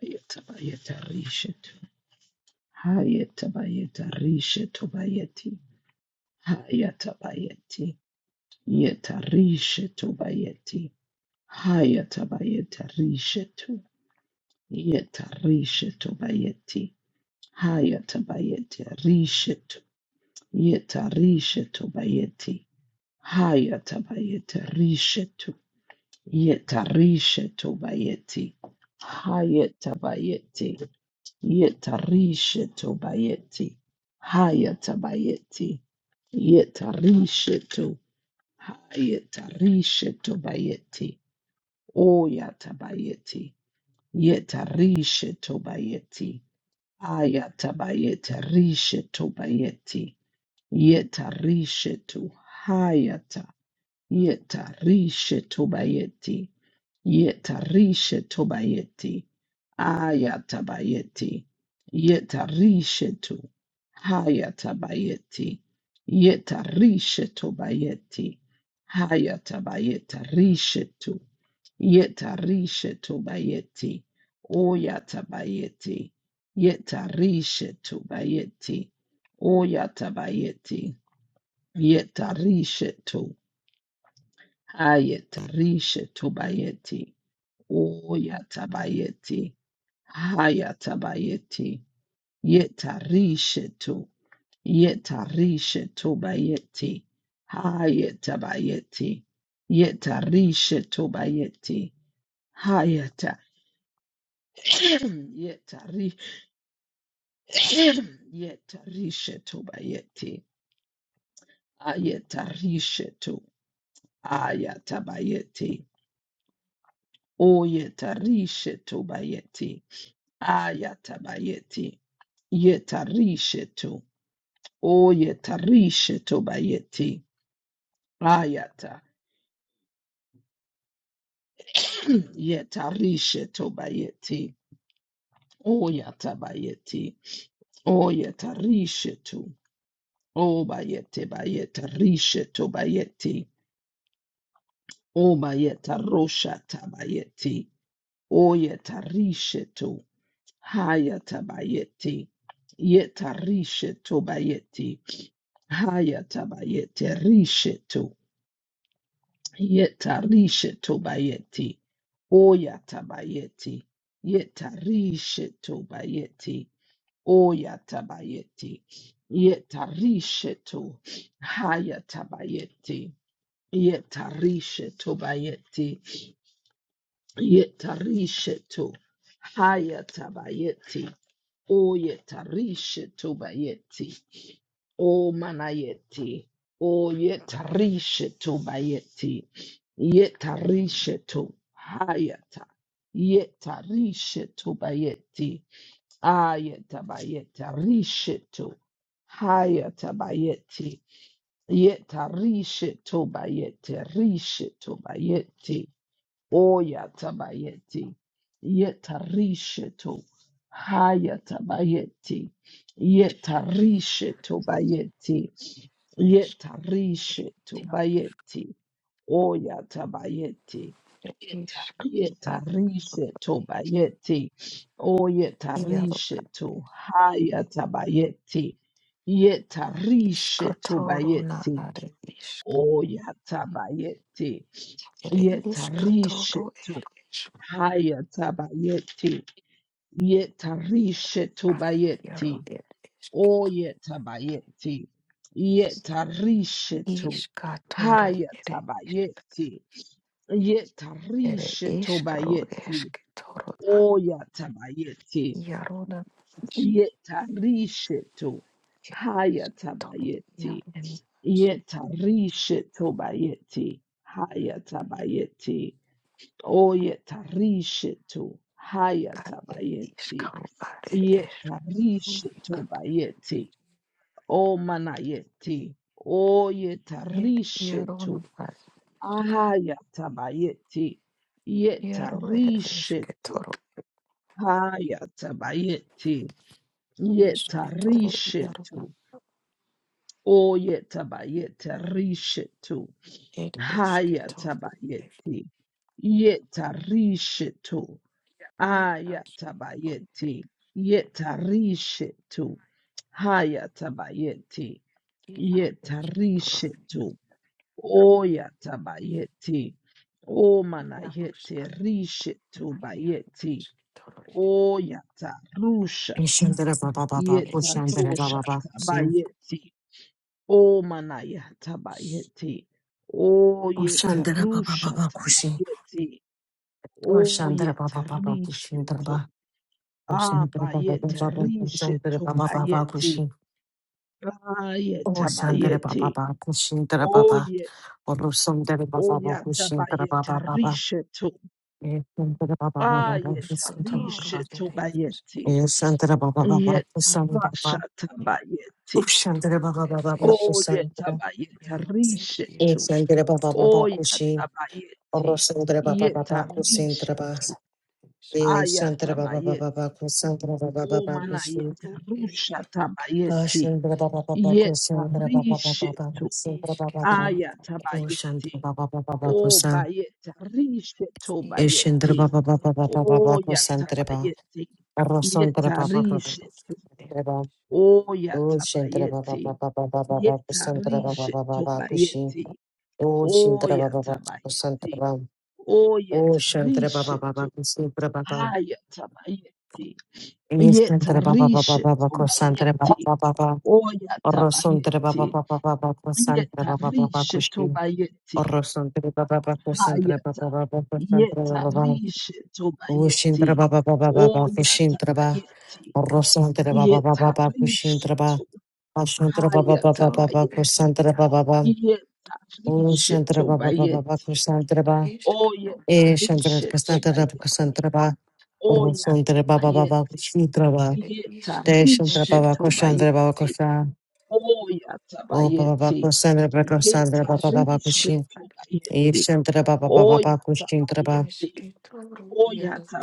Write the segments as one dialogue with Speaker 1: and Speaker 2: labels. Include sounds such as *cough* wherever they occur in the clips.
Speaker 1: Hayata bayata rishet. Hayata bayata rishet bayati. Hayata bayati. Yeta rishet bayati. Hayata bayata rishet. Yeta rishet bayati. Hayata bayata rishet. Yeta rishet bayati. Hayata bayata rishet. Yeta rishet bayati. Hayata bayati. Yetarishetu bayeti. Hayatabayeti. Yetarishetu. Hayatarishetu bayeti. Oyatabayeti. Yetarishetu bayeti. Ayatabayeti rishetu bayeti. Yetarishetu. Hayata. Yetarishetu bayeti. Yetarishetu bayeti. Ayatabayeti. Yetarishetu. Hayatabayeti. Yetarishetu bayeti. Hayatabayeta rishetu. Yetarishetu bayeti. Oyatabayeti. Yetarishetu bayeti. Oyatabayeti. Yetarishetu. Hayetarishetu bayeti. Oyatabayeti. Hayatabayeti. Yetarishetu. Yetarishetu bayeti. Hayeta bayeti. Yetarishetu bayeti. Hayata. *clears throat* Yetari. *clears throat* Yetarishetu bayeti. Ayetarishetu. Ayata bayeti. Oyetarishetu bayeti. Ayata bayeti. Yetarishetu. Oyetarishetu bayeti. Ayata. *clears throat* Yetarisha tobayeti. O yatabayeti. O yetarisha tu. O bayete bayete risha tobayeti. O bayeta rosha tabayeti. O yetarisha to Haya tabayeti. Yetarisha tobayeti. Haya tabayete risha tu. Yetarisha tobayeti. O yatabayeti. Yetarisha tobayeti. Oyatabayeti. Yetarishetu. Hayatabayeti. Yetarishetu bayeti. Yetarishetu. Hayatabayeti. Oyetarishetu bayeti. O manayeti. Oyetarishetu bayeti. Yetarishetu. Hayata. Yetarishetu bayeti. Ayetabayeta rishetu. Hayatabayeti. Yeta rishetu bayete. Rishetu bayeti. Oyatabayeti. Yeta rishetu. Hayatabayeti. Yeta rishetu bayeti. Yeta rishetu bayeti. Oyatabayeti. Yetarishe to bayeti. O yetarishe to hayatabayeti. Yetarishe to bayeti. O yatabayeti. Yetarishe to hayatabayeti. Yetarishe to bayeti. O yetabayeti. Yetarishe to hayatabayeti. Yetarishe to bayeti. Oya tabayeti. Yeta risheto. Haya tabayeti. Yeta risheto bayeti. Haya tabayeti. Oyeta risheto. Haya tabayeti. Yeta risheto bayeti. O manayeti. Oyeta risheto. Haya tabayeti. Yeta risheto. Haya tabayeti. Yetarishetu. Oyetabayetarishetu. Hayatabayeti. Yetarishetu. Ayatabayeti. Yetarishetu. Hayatabayeti. Yetarishetu. Oyatabayeti. O manayete rishetu bayeti. Oyata rushata
Speaker 2: Ishandara baba baba
Speaker 1: yeta
Speaker 2: kushandara baba baba
Speaker 1: rushata
Speaker 2: kusin.
Speaker 1: bayeti omanayata bayeti oyeta
Speaker 2: Oshandara baba baba
Speaker 1: rushata
Speaker 2: kusin.
Speaker 1: bayeti
Speaker 2: Oshandara
Speaker 1: oyeta
Speaker 2: baba baba kushindara
Speaker 1: risheto
Speaker 2: baba. Oshandara baba baba
Speaker 1: abayeta
Speaker 2: kushandara
Speaker 1: risheto
Speaker 2: baba baba
Speaker 1: bayeti
Speaker 2: kusin.
Speaker 1: ayeta
Speaker 2: Oshandara baba
Speaker 1: bayeti
Speaker 2: baba kushindara baba.
Speaker 1: oye
Speaker 2: Orosandara baba baba
Speaker 1: oyata
Speaker 2: kushindara
Speaker 1: bayeta
Speaker 2: baba baba.
Speaker 1: risheto
Speaker 2: Eshandara baba baba baba
Speaker 1: ayeta
Speaker 2: kushindara baba.
Speaker 1: risheto bayeti
Speaker 2: Eshandara baba baba
Speaker 1: yeta
Speaker 2: kushandara baba.
Speaker 1: rashata bayeti
Speaker 2: Ushandara baba baba baba kushandara. Baba.
Speaker 1: Oyetabayetarishetu.
Speaker 2: Eshandara baba baba kusin.
Speaker 1: Oyatabayeti.
Speaker 2: Orosandara baba baba kushindara baba.
Speaker 1: Yetarishetu.
Speaker 2: Eh, Shantara Baba Baba
Speaker 1: Ayatabayeti.
Speaker 2: Baku Santara Baba Baba Kusu
Speaker 1: Omanayetarusha-tabayeti.
Speaker 2: Ashantara Baba Baba Kusantara Baba Baba
Speaker 1: Yetarishetu.
Speaker 2: Baku Santara Baba Baba O
Speaker 1: Ayatabayeti.
Speaker 2: Shantara Baba Baba Baku San Eshantara
Speaker 1: Obayetarishetu-bayeti.
Speaker 2: Baba Baba Baba Baba Kusantara Baba
Speaker 1: Oyatabayeti.
Speaker 2: Arasantara Baba Baba
Speaker 1: Yetarishetu.
Speaker 2: Kusantara Baba Oh, Shantara Baba
Speaker 1: Oyatabayeti.
Speaker 2: Baba Baba Baba Kusantara Baba Baba Bakushi
Speaker 1: Yetarishetu-bayeti.
Speaker 2: Oh, Shantara Baba Baba
Speaker 1: Oyatabayeti.
Speaker 2: Kusantara Baba O Shantara Baba Baba
Speaker 1: Oyetarishetu.
Speaker 2: Kusantara Baba
Speaker 1: Hayatabayeti.
Speaker 2: Yes, Shantara Baba Baba
Speaker 1: Yetarishetu
Speaker 2: Baba Kusantara
Speaker 1: bayeti.
Speaker 2: Baba Baba Orrosantre
Speaker 1: Oyatabayeti.
Speaker 2: baba baba baba santre baba baba
Speaker 1: Yetarishetu
Speaker 2: kushi.
Speaker 1: bayeti.
Speaker 2: Orrosantre baba baba santre
Speaker 1: Hayata.
Speaker 2: baba baba santre baba.
Speaker 1: Yetarishetu bayeti.
Speaker 2: Ushintre baba baba baba kushintre ba.
Speaker 1: Oyatabayeti.
Speaker 2: Orrosantre baba baba baba kushintre ba.
Speaker 1: Yetarishetu.
Speaker 2: Ashuntre baba baba baba
Speaker 1: Hayatabayeti.
Speaker 2: kusantre baba baba.
Speaker 1: Yetarishetu
Speaker 2: Usantre baba baba baba
Speaker 1: bayeti.
Speaker 2: kusantre ba. E shantre kasantre baba
Speaker 1: Oyetarishe-tobayeti.
Speaker 2: kusantre ba. Orrosantre baba baba
Speaker 1: Oyatabayeti.
Speaker 2: kushintre ba. Te shantre baba kusantre baba
Speaker 1: Yetarishe-tobayeti.
Speaker 2: kusantre. O baba baba
Speaker 1: Oyatabayeti.
Speaker 2: kusantre baba kusantre baba baba Eve
Speaker 1: Yetarishe-tobayeti.
Speaker 2: Shantara Baba Baba Bakushintara Baba.
Speaker 1: Oyatabayeti.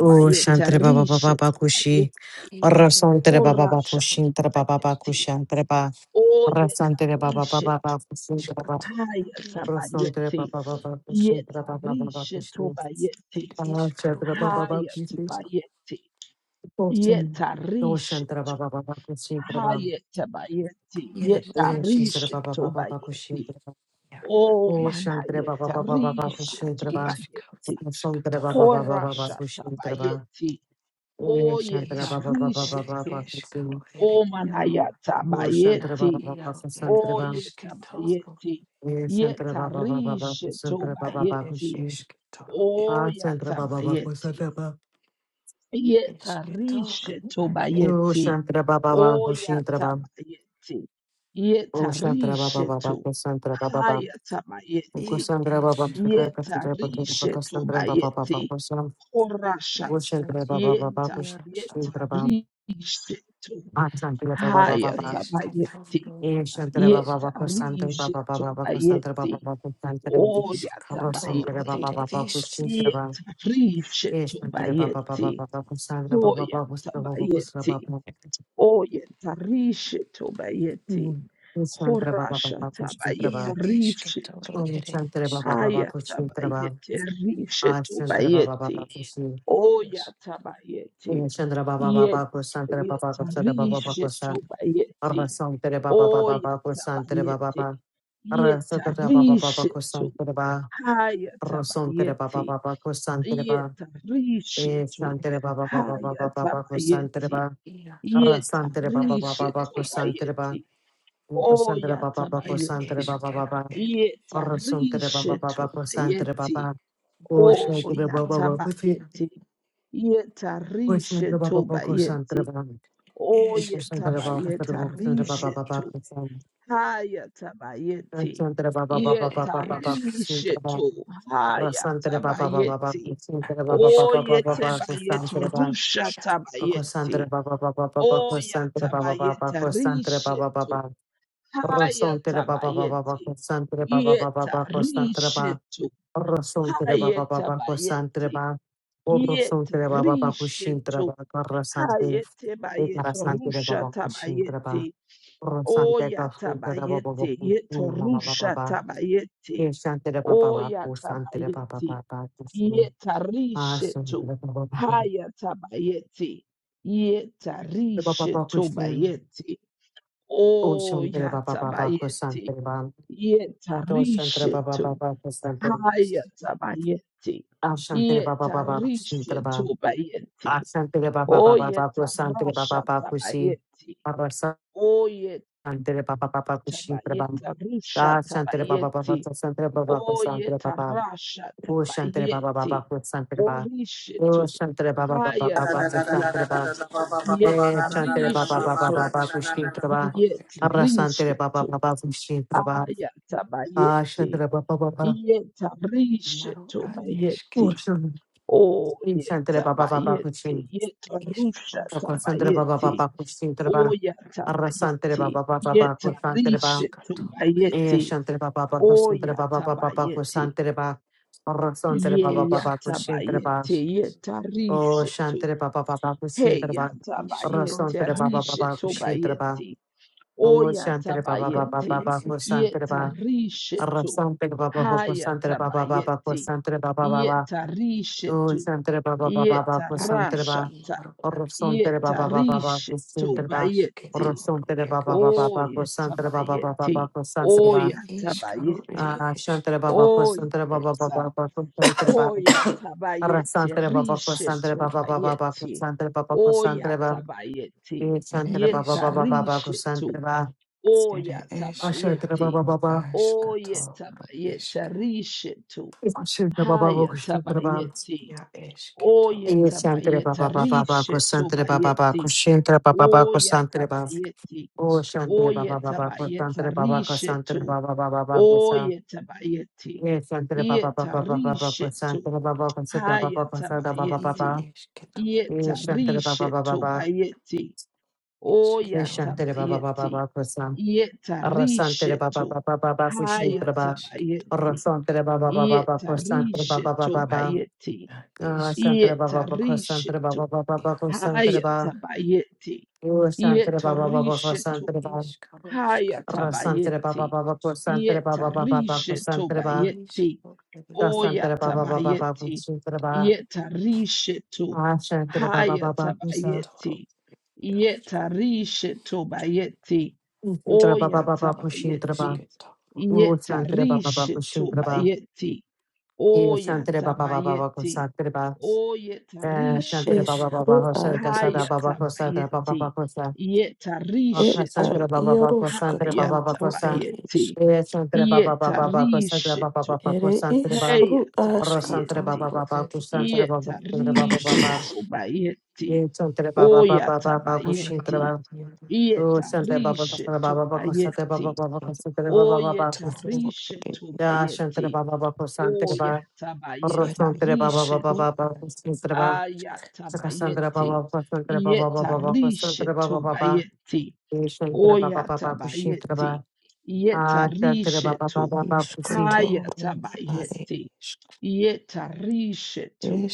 Speaker 2: Oh, Shantara Baba Baba Bakushi. Rasantara Baba Bakushintara Baba
Speaker 1: Orashatabayeti.
Speaker 2: Bakushantara Baba. Rasantara Baba Baba
Speaker 1: Oyetarishe-tobayeti.
Speaker 2: Bakushintara Baba.
Speaker 1: Haya
Speaker 2: Rasantara
Speaker 1: tabayeti.
Speaker 2: Baba Baba Bakushintara Baba Baba
Speaker 1: Yetarishe
Speaker 2: Bakushi.
Speaker 1: tobayeti.
Speaker 2: Ah, Shantara Baba
Speaker 1: Haya
Speaker 2: Bakushi.
Speaker 1: tabayeti.
Speaker 2: Oh, Shin- Oh,
Speaker 1: Yetarishe
Speaker 2: Shantara
Speaker 1: to.
Speaker 2: Baba Baba Bakushintara Baba.
Speaker 1: Haya tabayeti.
Speaker 2: Eh, Shantara
Speaker 1: Yetarishe
Speaker 2: Baba Baba
Speaker 1: tobayeti.
Speaker 2: Bakushintara Baba.
Speaker 1: Oh
Speaker 2: Oh,
Speaker 1: mana
Speaker 2: Shantara Baba Baba Baba
Speaker 1: yetarishe
Speaker 2: Bakushintara Baba.
Speaker 1: tobayeti.
Speaker 2: Rasantara Baba Baba Baba
Speaker 1: Horasha
Speaker 2: Bakushintara Baba.
Speaker 1: tabayeti.
Speaker 2: Ee,
Speaker 1: Oh
Speaker 2: Shantara Baba Baba
Speaker 1: yetarishe
Speaker 2: Baba
Speaker 1: to.
Speaker 2: Bafisi.
Speaker 1: Oh mana
Speaker 2: Oh, Shantara
Speaker 1: yatabayeti.
Speaker 2: Baba Baba Santara
Speaker 1: O
Speaker 2: Baba.
Speaker 1: yetabayeti.
Speaker 2: Ee, Shantara Baba Baba Baba
Speaker 1: Yetarish
Speaker 2: Santara Baba
Speaker 1: tobayeti.
Speaker 2: Bafishi.
Speaker 1: O
Speaker 2: Ah, Shantara Baba.
Speaker 1: yatabayeti. Yetarish
Speaker 2: Oh,
Speaker 1: tobayeti.
Speaker 2: Shantara Baba Baba
Speaker 1: O
Speaker 2: Hoshintara Baba.
Speaker 1: yatabayeti.
Speaker 2: Oh, Shantara
Speaker 1: Yetarish
Speaker 2: Baba
Speaker 1: to.
Speaker 2: Baba Santara Baba Baba. Oh,
Speaker 1: Hayatabayeti.
Speaker 2: Santara Baba Santara Santara
Speaker 1: Yetarish
Speaker 2: Baba Santara Baba
Speaker 1: tobayeti.
Speaker 2: Baba Santara. Oh,
Speaker 1: Horashata.
Speaker 2: Shantara Baba Baba
Speaker 1: Yeta.
Speaker 2: Hoshintara Baba.
Speaker 1: Yetarish to.
Speaker 2: Ah, Shantara Baba Baba
Speaker 1: Hayatabayeti.
Speaker 2: Ee, Shantara Baba Baba Santara
Speaker 1: Yetarishe
Speaker 2: Baba Baba Baba Santara
Speaker 1: tobayeti.
Speaker 2: Baba Baba Santara
Speaker 1: Oya
Speaker 2: Baba Santara
Speaker 1: tabayeti.
Speaker 2: Baba Baba Kushintara Baba
Speaker 1: Yetarishe
Speaker 2: Ee, Shantara Baba Baba
Speaker 1: tobayeti.
Speaker 2: Baba Santara Baba
Speaker 1: Hoya
Speaker 2: Baba Kusra Baba Kusra
Speaker 1: tabayeti.
Speaker 2: Baba
Speaker 1: Oya tarishe tobayeti.
Speaker 2: Hmm. Ee, Shantara Baba
Speaker 1: Horasha
Speaker 2: Baba Kushintara
Speaker 1: tabayeti
Speaker 2: Baba
Speaker 1: rishet to.
Speaker 2: Om Shantara Baba Baba
Speaker 1: Haya
Speaker 2: Kushintara Baba
Speaker 1: tabayeti
Speaker 2: Ah Shantara Baba Baba Kushi
Speaker 1: Oh
Speaker 2: Ee,
Speaker 1: yatabayeti.
Speaker 2: Shantara Baba
Speaker 1: Yet
Speaker 2: Baba Kushantara Baba Kushantara Baba Baba Kusa Arra
Speaker 1: yetarishetubayeti.
Speaker 2: Santara Baba Baba
Speaker 1: Oh
Speaker 2: Baba Kushantara Baba
Speaker 1: yatabayeti.
Speaker 2: Baba Arra Santara Baba Baba
Speaker 1: Yetarishetu.
Speaker 2: Kushantara Baba Rosantere ba ba
Speaker 1: Hayatabayeti.
Speaker 2: ba ba cosantere ba e
Speaker 1: Yetarishetu.
Speaker 2: santere ba ba ba ba ba ba ba ba cosantere
Speaker 1: Hayatabayeti.
Speaker 2: ba arrasantere ba ba ba ba ba cosantere ba
Speaker 1: Yetarishetubayeti. Oh
Speaker 2: cosantere ba ba ba cosantere
Speaker 1: yatabayeti.
Speaker 2: ba ba ba ba arrasantere ba ba ba ba cosantere ba
Speaker 1: Yetarishetubayeti.
Speaker 2: ba
Speaker 1: Oh,
Speaker 2: cosantere ba ba ba cosi
Speaker 1: yatabayeti.
Speaker 2: cosantere
Speaker 1: Yetarishe
Speaker 2: ba ba
Speaker 1: to
Speaker 2: ba cosantere
Speaker 1: bayeti.
Speaker 2: ba
Speaker 1: Oh,
Speaker 2: cosantere ba ba cosantere ba cosantere ba ba
Speaker 1: yetabayetarishe
Speaker 2: ba ba
Speaker 1: to.
Speaker 2: cosantere
Speaker 1: Haya tabayeti.
Speaker 2: ba ba ba ba ba ba ba ba
Speaker 1: Yetarishe
Speaker 2: cosantere ba
Speaker 1: to. Haya
Speaker 2: arrasantere ba ba ba ba ba
Speaker 1: tabayeti.
Speaker 2: cosantere ba ba ba
Speaker 1: Oh,
Speaker 2: ba ba ba
Speaker 1: yetabayeta
Speaker 2: cosantere ba
Speaker 1: rusha
Speaker 2: Kosantre
Speaker 1: tabayeti.
Speaker 2: baba baba baba
Speaker 1: Oh,
Speaker 2: kosantre baba baba kosantre
Speaker 1: yatabayetarishe
Speaker 2: baba
Speaker 1: to.
Speaker 2: baba
Speaker 1: Haya
Speaker 2: rosantre baba baba
Speaker 1: tabayeti.
Speaker 2: kosantre baba baba kosantre
Speaker 1: Yetarishe
Speaker 2: baba
Speaker 1: to.
Speaker 2: rosantre
Speaker 1: Haya
Speaker 2: baba baba kosantre
Speaker 1: tabayeti.
Speaker 2: baba
Speaker 1: Yeta
Speaker 2: rosantre baba baba kushintre
Speaker 1: rishetu
Speaker 2: baba karasante
Speaker 1: hayete bayete
Speaker 2: ekarasante
Speaker 1: rusha
Speaker 2: baba kushintre
Speaker 1: tabayete
Speaker 2: baba rosante
Speaker 1: oya
Speaker 2: kasuntre baba baba
Speaker 1: tabayete yeto
Speaker 2: kusun mama baba
Speaker 1: rusha
Speaker 2: baba
Speaker 1: tabayete
Speaker 2: eshantre baba baba
Speaker 1: oya
Speaker 2: kusantre baba
Speaker 1: tabayete
Speaker 2: baba kusun
Speaker 1: yeta rishetu
Speaker 2: asuntre baba baba
Speaker 1: haya tabayete yeta
Speaker 2: baba baba
Speaker 1: rishetu
Speaker 2: kusin
Speaker 1: bayete
Speaker 2: Ushantre
Speaker 1: oya
Speaker 2: Baba Baba
Speaker 1: tabayete
Speaker 2: Kusantre Bam,
Speaker 1: yeta
Speaker 2: Doshantre Baba
Speaker 1: rishetu
Speaker 2: Baba Kusantre,
Speaker 1: haya tabayete
Speaker 2: Ashantre Baba
Speaker 1: yeta
Speaker 2: Baba Kusantre
Speaker 1: rishetu
Speaker 2: Bam,
Speaker 1: bayete
Speaker 2: Ashantre Baba Baba Baba
Speaker 1: Oyeta
Speaker 2: Kusantre Baba
Speaker 1: rasha
Speaker 2: Baba Kusi,
Speaker 1: tabayeti.
Speaker 2: Baba
Speaker 1: Oyeta
Speaker 2: Santre Baba Baba Kusantre Bam,
Speaker 1: bayeta risha
Speaker 2: Dashantre Baba Baba
Speaker 1: tabayeti.
Speaker 2: Kusantre Baba Kusantre
Speaker 1: Oyeta
Speaker 2: Baba,
Speaker 1: rasha
Speaker 2: Ushantre Baba Baba
Speaker 1: tabayeti.
Speaker 2: Kusantre Bam,
Speaker 1: Orishetu.
Speaker 2: Ushantre Baba Baba
Speaker 1: Haya
Speaker 2: Baba
Speaker 3: Da da da da
Speaker 2: Kusantre
Speaker 3: da
Speaker 1: tabayeti.
Speaker 2: Bam,
Speaker 3: da da ba ba ba ba ba
Speaker 2: Eh
Speaker 1: Yeta
Speaker 3: da da da
Speaker 2: Shantre
Speaker 3: da da
Speaker 2: Baba
Speaker 3: ba ba
Speaker 2: Baba
Speaker 1: rishetu.
Speaker 3: da da
Speaker 2: Baba
Speaker 3: da da da.
Speaker 2: Kusantre Bam,
Speaker 1: Yeta
Speaker 2: Abrasantre Baba
Speaker 1: rishetu.
Speaker 2: Baba Kusantre Bam,
Speaker 1: Aya
Speaker 2: Ah,
Speaker 1: tabayeti.
Speaker 2: Shantara Baba Baba.
Speaker 1: Yeta rishetu bayeti.
Speaker 2: Oh, Shantara
Speaker 1: Oyeta
Speaker 2: Baba Baba
Speaker 1: bayeti.
Speaker 2: Kuchin.
Speaker 1: Yeta rusha
Speaker 2: Toko Santara Baba
Speaker 1: tabayeti.
Speaker 2: Baba Kuchin Traba.
Speaker 1: Oya
Speaker 2: Arrasantara
Speaker 1: tabayeti,
Speaker 2: Baba Baba Baba
Speaker 1: yeta
Speaker 2: Kusantara Ba.
Speaker 1: rishe
Speaker 2: Eh,
Speaker 1: tobayeti,
Speaker 2: Shantara Baba Baba Kusantara
Speaker 1: oya
Speaker 2: Baba Baba Baba
Speaker 1: tabayeti,
Speaker 2: Kusantara Ba. Arrasantara Baba
Speaker 1: yeya
Speaker 2: Baba Kuchin Traba.
Speaker 1: tabayeti, yeta
Speaker 2: Oh,
Speaker 1: rishe to,
Speaker 2: Shantara Baba Baba Kuchin
Speaker 1: heya
Speaker 2: Traba.
Speaker 1: tabayeti,
Speaker 2: Arrasantara Baba
Speaker 1: rishe
Speaker 2: Baba Kuchin Traba.
Speaker 1: tobayeti,
Speaker 2: Oh,
Speaker 1: oya
Speaker 2: Shantara Baba Baba
Speaker 1: tabayeti,
Speaker 2: Baba Kusantara
Speaker 1: yeta
Speaker 2: Ba.
Speaker 1: rishe to,
Speaker 2: Arrasantara Baba
Speaker 1: haya
Speaker 2: Kusantara Baba Baba
Speaker 1: tabayeti,
Speaker 2: Kusantara Baba Baba.
Speaker 1: yeta rishe
Speaker 2: Oh,
Speaker 1: to,
Speaker 2: Santere Baba Baba Baba
Speaker 1: yeta
Speaker 2: Santere
Speaker 1: rasha
Speaker 2: Baba
Speaker 1: ta,
Speaker 2: Santere
Speaker 1: yeta
Speaker 2: Baba Baba Baba
Speaker 1: rishe
Speaker 2: Santere Baba
Speaker 1: tobayeti.
Speaker 2: Santere Baba Baba Baba Santere Baba Baba
Speaker 1: Oyetabayeti.
Speaker 2: Baba Santere Baba
Speaker 1: Oyatabayeti.
Speaker 2: Ah Santere Baba Santere Baba
Speaker 1: Oyeta.
Speaker 2: Baba Baba Santere Baba Arra
Speaker 1: Oyatabayeti.
Speaker 2: Santere Baba Santere Baba Baba Baba
Speaker 1: Rishetobayeti.
Speaker 2: Santere Baba Santere Baba
Speaker 1: Oyatabayeti.
Speaker 2: Eh Santere Baba
Speaker 1: Yeta
Speaker 2: Baba Baba Santere
Speaker 1: rishetu.
Speaker 2: Baba Ah Santere Baba
Speaker 1: Oyatabayeti.
Speaker 2: Baba
Speaker 1: Oyetabayeti. Rishetu.
Speaker 2: Ah Santere Baba Baba Santere Baba
Speaker 1: Hayatabayeti.
Speaker 2: Santre
Speaker 1: Oyetabayeti.
Speaker 2: Baba Baba Baba Santre Baba Baba
Speaker 1: Rishetobayeti.
Speaker 2: Santre Baba Baba Santre Baba
Speaker 1: Oyatabayeti.
Speaker 2: Oh Shantre Baba Baba Ko
Speaker 1: Oyetabayeta
Speaker 2: Santre Baba Ko Santre
Speaker 1: rishetu.
Speaker 2: Baba Baba Baba Sa
Speaker 1: Oyetabayeti.
Speaker 2: Ye Santre Baba Baba Baba Baba
Speaker 1: Yetarishetu.
Speaker 2: Santre Baba Ko Santre Baba Baba Santre Baba
Speaker 1: Hayatabayeti.
Speaker 2: Baba Ye Santre Baba Baba
Speaker 1: Yetarishetu
Speaker 2: Baba
Speaker 1: bayeti.
Speaker 2: Ye Santre Baba Baba
Speaker 1: Oyatabayeti.
Speaker 2: Baba Sa Arra Santre Baba
Speaker 1: Yetarishetu.
Speaker 2: Baba Baba Santre Baba Arra
Speaker 1: Hayatabayeti.
Speaker 2: Santre Baba Baba Baba Santre Baba Baba
Speaker 1: Yetarishetu
Speaker 2: Baba
Speaker 1: bayeti.
Speaker 2: Ah Santre Baba Baba Santre
Speaker 1: Yetarishetu.
Speaker 2: Baba Baba Baba Santre Baba
Speaker 1: Hayatabayeti.
Speaker 2: Rasantre Baba Baba
Speaker 1: Yetarishetu.
Speaker 2: Rasantre Baba Rasantre Baba
Speaker 1: Hayatabayeti.
Speaker 2: Baba Rasantre Baba Baba Baba
Speaker 1: Yetarishe
Speaker 2: Rasantre Baba
Speaker 1: tobayeti.
Speaker 2: Rasantre Baba Baba Baba
Speaker 1: Oyatabayeti.
Speaker 2: Rasantre Baba
Speaker 1: Yetarishe to.
Speaker 2: Ashantre Baba Baba Kusa
Speaker 1: Hayatabayeti. Yetarishe tobayeti.
Speaker 2: Usantre Baba Baba Kushintre
Speaker 1: Oyatabayeti.
Speaker 2: Baba Usantre Baba Baba
Speaker 1: Yetarishe
Speaker 2: Kushintre Baba
Speaker 1: tobayeti.
Speaker 2: Yasantre Baba Baba Baba
Speaker 1: Oyatabayeti.
Speaker 2: Kusantre Baba Shantre Baba
Speaker 1: Oyetarishetu.
Speaker 2: Baba Hosan Kasada Baba Kosada Baba Baba
Speaker 1: Hayatabayeti.
Speaker 2: Kosa Akasantre
Speaker 1: Yetarishetu.
Speaker 2: Baba Baba Kosantre Baba Baba Kosa
Speaker 1: Hayatabayeti.
Speaker 2: Yasantre Baba Baba Baba Kosantre Baba
Speaker 1: Yetarishetu.
Speaker 2: Baba Kosantre Baba Rosantre baba
Speaker 1: Hayatabayeti.
Speaker 2: baba kusantre baba santre baba baba
Speaker 1: Yetarishetu bayeti.
Speaker 2: santre baba baba baba kushintre
Speaker 1: Oyatabayeti.
Speaker 2: baba santre baba kusantre
Speaker 1: Yetarishetu
Speaker 2: baba baba kusantre baba
Speaker 1: bayeti.
Speaker 2: baba kusantre baba baba kusin
Speaker 1: Oyetarishetu
Speaker 2: ya
Speaker 1: bayeti.
Speaker 2: shantre baba baba kusantre baba
Speaker 1: Oyatabayeta
Speaker 2: rosantre baba baba
Speaker 1: rishetu.
Speaker 2: baba kusintre baba Cassandra
Speaker 1: Ayatabayeti.
Speaker 2: Baba, Cassandra Baba, Baba,
Speaker 1: Yeta
Speaker 2: Baba, Cassandra
Speaker 1: rishetu
Speaker 2: Baba, Baba,
Speaker 1: bayeti.
Speaker 2: Shantra Baba, Baba, Kushintra
Speaker 1: Oyatabayeti.
Speaker 2: Baba,
Speaker 1: Yeta
Speaker 2: Ah Shantra Baba, Baba,
Speaker 1: rishetu.
Speaker 2: Baba, Kusi,
Speaker 1: Hayatabayeti. Yeta rishetu.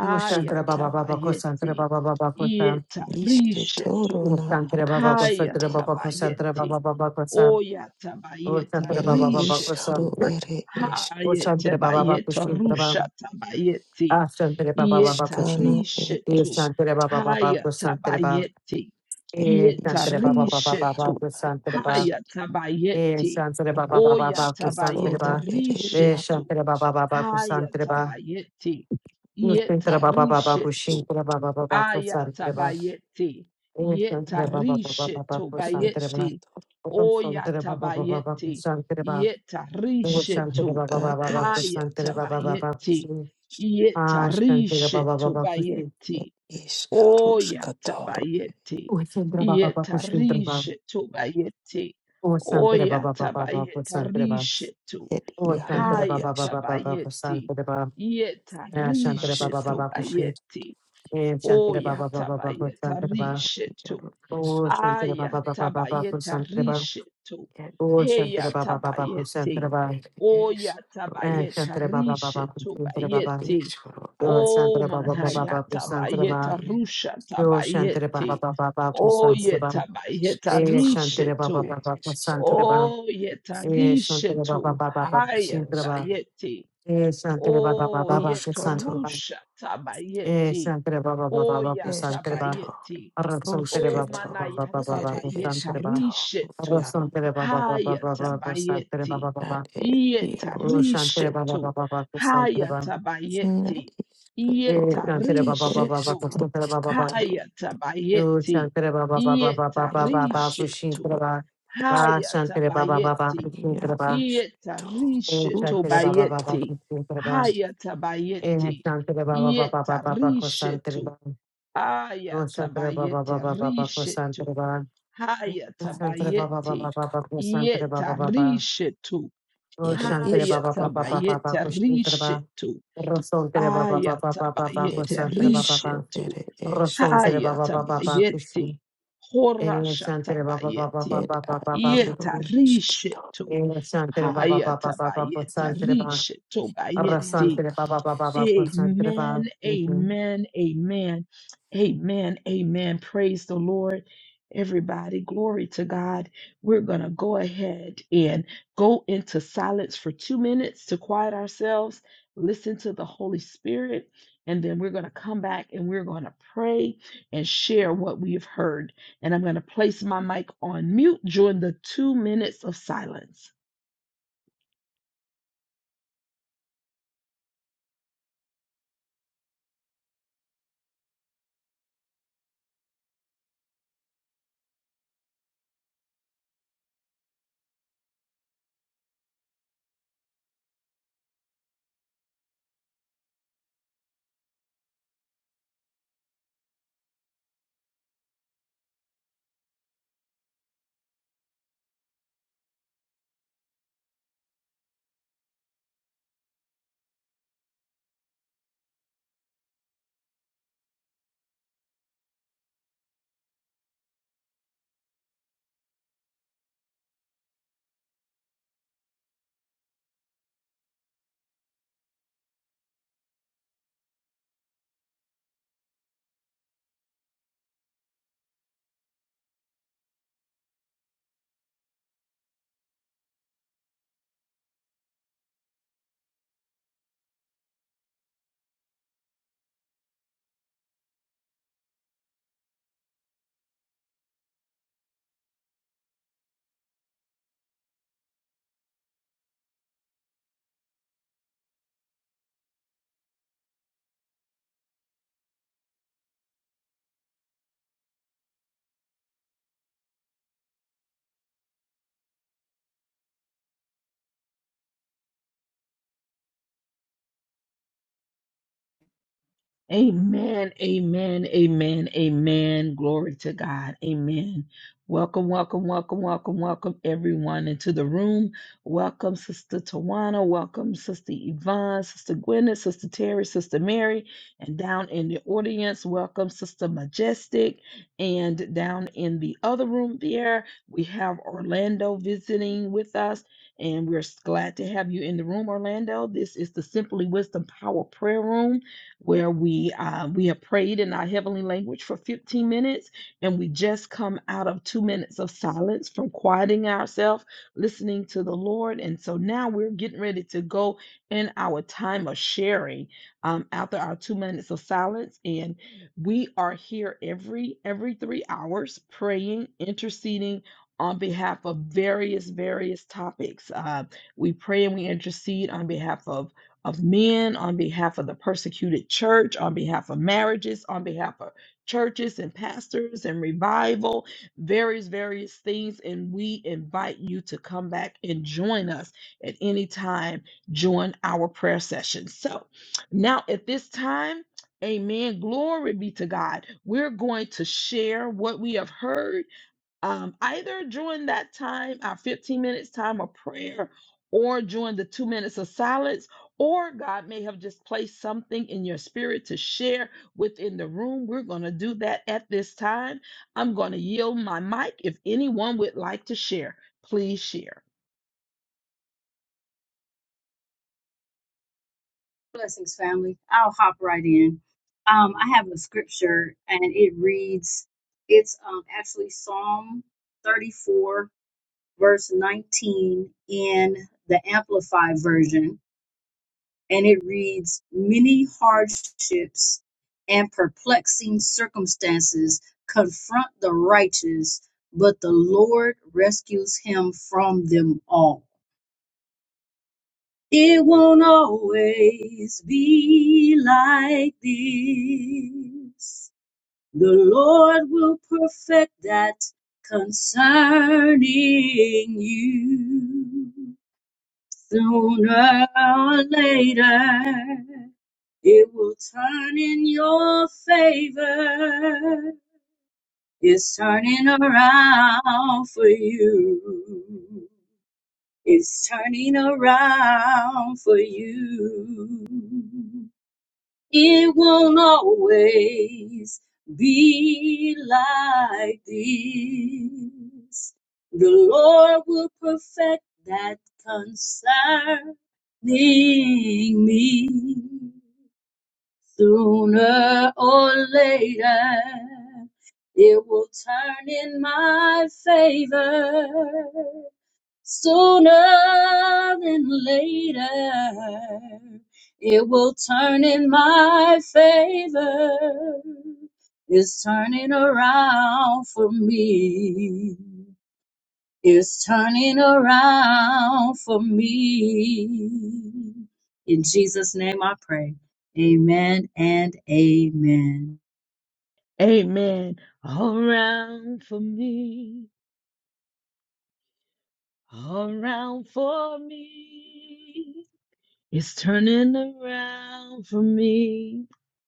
Speaker 2: Shantra Baba, Baba, Cassandra Baba, Baba, Kosa
Speaker 1: Yeta rishetu.
Speaker 2: Santra Baba Santra Baba Santra
Speaker 1: Hayatabayeti.
Speaker 2: Baba Baba San Or
Speaker 1: Oyatabayeta
Speaker 2: Santra Baba Baba
Speaker 1: rishetu.
Speaker 2: San Or
Speaker 1: Hayete
Speaker 2: Santra Baba
Speaker 1: bayete
Speaker 2: Baba Baba
Speaker 1: rushata bayete.
Speaker 2: Ah Santra Baba Baba
Speaker 1: Yeta
Speaker 2: Kushi E
Speaker 1: rishetu.
Speaker 2: Santra Baba Baba
Speaker 1: Hayata
Speaker 2: Santra Baba
Speaker 1: bayete.
Speaker 2: E
Speaker 1: Yeta
Speaker 2: Santra Baba Baba
Speaker 1: rishetu.
Speaker 2: Baba Santra Baba
Speaker 1: Hayata
Speaker 2: E
Speaker 1: bayete.
Speaker 2: Santra Baba Baba Baba
Speaker 1: Oyata
Speaker 2: Santra
Speaker 1: bayete
Speaker 2: Baba E
Speaker 1: rishetu.
Speaker 2: Santra Baba Baba Santra
Speaker 1: Hayata
Speaker 2: Baba
Speaker 1: bayete.
Speaker 2: U
Speaker 1: Yeta
Speaker 2: Santra Baba Baba Kushi
Speaker 1: rishetu.
Speaker 2: Baba Baba Baba Santra Baba
Speaker 1: Ayatabayeti.
Speaker 2: E Santra Baba Baba Baba
Speaker 1: Yetarishetu O
Speaker 2: Santra Baba Santere Baba Baba Baba
Speaker 1: Oyatabayeti.
Speaker 2: Santere Baba Oh Shantere
Speaker 1: Yetarishetu.
Speaker 2: Baba Baba Baba Santere Baba Baba baba,
Speaker 1: Hayatabayeti.
Speaker 2: Ah Shantere Baba
Speaker 1: Yetarishetu
Speaker 2: Baba Kusi
Speaker 1: bayeti. Oyatabayeti.
Speaker 2: Oh Santere Baba Baba Kushintere Baba
Speaker 1: Yetarishetu bayeti.
Speaker 2: Oh Santere Baba Baba Baba Santere Baba
Speaker 1: Oyatabayetarishetu.
Speaker 2: Oh Shantere Baba Baba Baba
Speaker 1: Hayatabayeti.
Speaker 2: Santere Baba Ah Shantere Baba
Speaker 1: Yetarishetu
Speaker 2: Baba Kushi
Speaker 1: bayeti.
Speaker 2: Eh Shantere Baba Baba Baba Santere Baba
Speaker 1: Oyatabayetarishetu.
Speaker 2: Oh Shantere Baba Baba Baba Santere Baba
Speaker 1: Ayatabayetarishetu.
Speaker 2: Oh Shantere Baba Baba
Speaker 1: Heyatabayete.
Speaker 2: Santere Baba Eh Shantere Baba Baba
Speaker 1: Oyatabayetarishetu
Speaker 2: Santere Baba
Speaker 1: bayete.
Speaker 2: Yo
Speaker 1: O
Speaker 2: Santara Baba Baba Babu Santara Ba
Speaker 1: manayatabayetarusha
Speaker 2: Yo Shantara Baba
Speaker 1: tabayete.
Speaker 2: Baba Babu Santara Ba Eh, Shantara Baba
Speaker 1: Oyatabayetarishetu.
Speaker 2: Baba Babu Santara Ba Eh, Shantara Baba
Speaker 1: Oyetarishetu.
Speaker 2: Baba Babu Santara Ba
Speaker 1: Hayatayete.
Speaker 2: Eh, Shantara Baba Baba
Speaker 1: Oh,
Speaker 2: Babu Santara Ba
Speaker 1: yetorusha
Speaker 2: Eh,
Speaker 1: tabayeti.
Speaker 2: Shantara Baba Baba
Speaker 1: Oh,
Speaker 2: Babu Santara Ba
Speaker 1: yatabayeti.
Speaker 2: Arra Santara
Speaker 1: O
Speaker 2: Baba Baba Baba
Speaker 1: manayata
Speaker 2: Babu
Speaker 1: bayeta
Speaker 2: Santara Ba Arra
Speaker 1: rishetu.
Speaker 2: Santara Baba Baba Baba
Speaker 1: Hayata
Speaker 2: Babu Santara
Speaker 1: bayeti.
Speaker 2: Baba Baba
Speaker 1: Yeta
Speaker 2: O Shantara Baba
Speaker 1: rishetu.
Speaker 2: Baba Babu Santara Ba
Speaker 1: Hayata bayeti.
Speaker 2: E
Speaker 1: Yeta
Speaker 2: Shantara Baba Baba Babu
Speaker 1: rishetu.
Speaker 2: Santara Baba Ba
Speaker 1: Hayata
Speaker 2: Yo
Speaker 1: bayeti.
Speaker 2: Shantre Baba Baba Baba
Speaker 1: Yeta
Speaker 2: Baba Baba
Speaker 1: rishetu.
Speaker 2: Kushintraba. Ah
Speaker 1: Hayata
Speaker 2: Shantre Baba Baba
Speaker 1: bayeti.
Speaker 2: Kushintraba.
Speaker 1: Yeta
Speaker 2: Yo
Speaker 1: rishetu
Speaker 2: Shantre Baba Baba
Speaker 1: bayeti.
Speaker 2: Kushintraba.
Speaker 1: Hayata
Speaker 2: Eh
Speaker 1: bayeti.
Speaker 2: Shantre Baba Baba
Speaker 1: Yeta
Speaker 2: Baba Baba
Speaker 1: rishetu.
Speaker 2: Kusantraba. Yo Shantre Baba
Speaker 1: Ayatabayete
Speaker 2: Baba Baba
Speaker 1: rishetu.
Speaker 2: Kusantraba. Yo Shantre Baba
Speaker 1: Hayatabayete
Speaker 2: Baba Baba Kusantre Baba
Speaker 1: yeta
Speaker 2: Baba.
Speaker 1: rishetu.
Speaker 2: Yo Shantre Baba Baba Baba
Speaker 1: Hayatabayete
Speaker 2: Baba Kushintraba.
Speaker 1: rishetu.
Speaker 2: Rosantre Baba Baba Baba Baba
Speaker 1: Ayatabayete
Speaker 2: Kusantre Baba Baba.
Speaker 1: rishetu.
Speaker 2: Rosantre Baba Baba Baba Kushin.
Speaker 1: Hayatabayete
Speaker 2: Eh Shantre Baba Baba
Speaker 1: horashatabayete
Speaker 2: Baba Baba Baba
Speaker 1: yeta
Speaker 2: Kushin.
Speaker 1: rishetu.
Speaker 2: Santere Baba Baba Baba
Speaker 1: Hayatabayete
Speaker 2: Santere Baba
Speaker 1: rishetu bayete
Speaker 2: Santere Baba Baba Baba Santere Baba.
Speaker 1: Amen. Amen. Amen. Amen. Amen. Praise the Lord. Everybody, glory to God. We're going to go ahead and go into silence for two minutes to quiet ourselves, listen to the Holy Spirit, and then we're going to come back and we're going to pray and share what we have heard. And I'm going to place my mic on mute during the two minutes of silence. Amen, amen, amen, amen. Glory to God. Amen. Welcome, welcome, welcome, welcome, welcome everyone into the room. Welcome, Sister Tawana. Welcome, Sister Yvonne, Sister Gwyneth, Sister Terry, Sister Mary. And down in the audience, welcome, Sister Majestic. And down in the other room there, we have Orlando visiting with us. And we're glad to have you in the room, Orlando. This is the Simply Wisdom Power Prayer Room where we uh, we have prayed in our heavenly language for 15 minutes and we just come out of two minutes of silence from quieting ourselves listening to the lord and so now we're getting ready to go in our time of sharing um, after our two minutes of silence and we are here every every three hours praying interceding on behalf of various various topics uh, we pray and we intercede on behalf of of men, on behalf of the persecuted church, on behalf of marriages, on behalf of churches and pastors and revival, various, various things. And we invite you to come back and join us at any time, join our prayer session. So now at this time, Amen. Glory be to God. We're going to share what we have heard um, either during that time, our 15 minutes time of prayer, or during the two minutes of silence, or God may have just placed something in your spirit to share within the room. We're going to do that at this time. I'm going to yield my mic. If anyone would like to share, please share.
Speaker 4: Blessings, family. I'll hop right in. Um, I have a scripture and it reads, it's um, actually Psalm 34, verse 19 in the Amplified Version. And it reads, Many hardships and perplexing circumstances confront the righteous, but the Lord rescues him from them all. It won't always be like this. The Lord will perfect that concerning you. Sooner or later, it will turn in your favor. It's turning around for you. It's turning around for you. It won't always be like this. The Lord will perfect that concerning me sooner or later. It will turn in my favor. Sooner than later, it will turn in my favor. It's turning around for me. It's turning around for me. In Jesus' name I pray. Amen and amen.
Speaker 1: Amen. Around for me, around for me. It's turning around for me.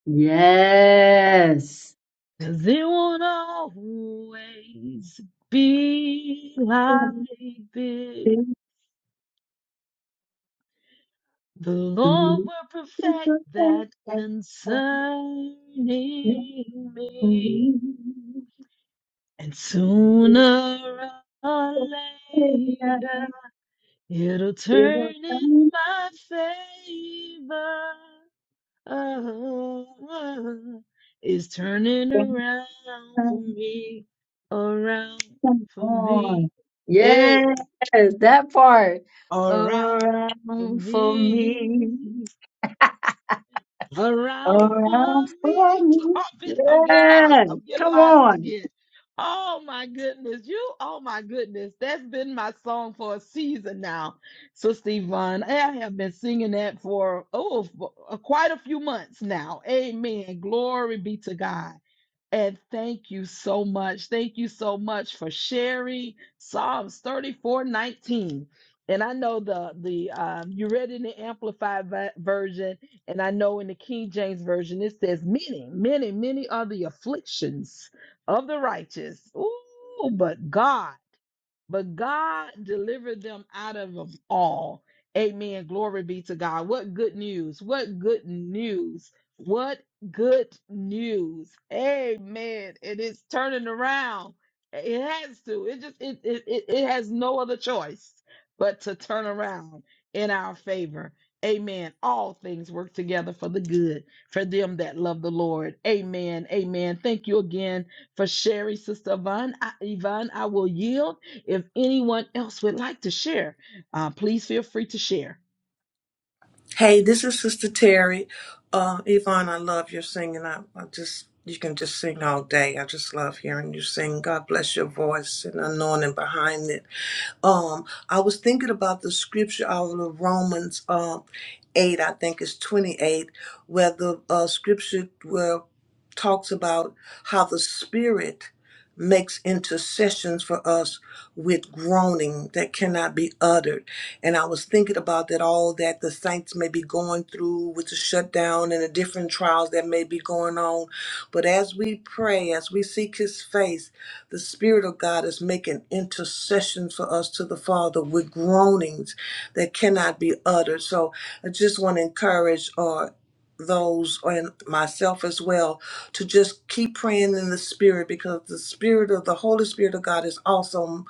Speaker 4: Yes.
Speaker 1: They won't always be like this. The Lord will perfect that
Speaker 4: *laughs*
Speaker 1: concerning me.
Speaker 4: Come
Speaker 1: And sooner or later, it'll turn in my favor. *laughs* Oh, it's turning around for me, around for
Speaker 4: on.
Speaker 1: me, hey,
Speaker 4: Yes, that part.
Speaker 1: around for
Speaker 4: Around for
Speaker 1: me,
Speaker 4: me.
Speaker 1: around for
Speaker 4: Around
Speaker 1: me.
Speaker 4: for
Speaker 1: *laughs*
Speaker 4: me.
Speaker 1: Stop it. I'm getting lost.
Speaker 4: Yeah.
Speaker 1: I'm getting
Speaker 4: Come
Speaker 1: lost
Speaker 4: on.
Speaker 1: again. Oh my goodness, you, oh my goodness, that's been my song for a season now, Sister Yvonne. I have been singing that for, oh, for uh, quite a few months now. Amen. Glory be to God. And thank you so much. Thank you so much for sharing Psalms 34:19. And I know the the um, you read in the amplified vi- version, and I know in the King James version it says many, many, many are the afflictions of the righteous. Ooh, but God but God delivered them out of them all. Amen. Glory be to God. What good news! What good news! What good news! Amen. It is turning around. It has to. It just it it it, it has no other choice but to turn around in our favor. Amen. All things work together for the good for them that love the Lord. Amen. Amen. Thank you again for sharing, Sister Yvonne. I, Yvonne, I will yield. If anyone else would like to share, uh, please feel free to share.
Speaker 3: Hey, this is Sister Terry. Uh, Yvonne, I love your singing. I, I just you can just sing all day. I just love hearing you sing. God bless your voice and anointing behind it. Um, I was thinking about the scripture out of Romans um eight, I think it's twenty eight, where the uh, scripture where talks about how the Spirit makes intercessions for us with groaning that cannot be uttered and I was thinking about that all that the saints may be going through with the shutdown and the different trials that may be going on. But as we pray, as we seek his face, the Spirit of God is making intercession for us to the Father with groanings that cannot be uttered. So I just want to encourage uh, those and myself as well to just keep praying in the Spirit because the Spirit of the Holy Spirit of God is awesome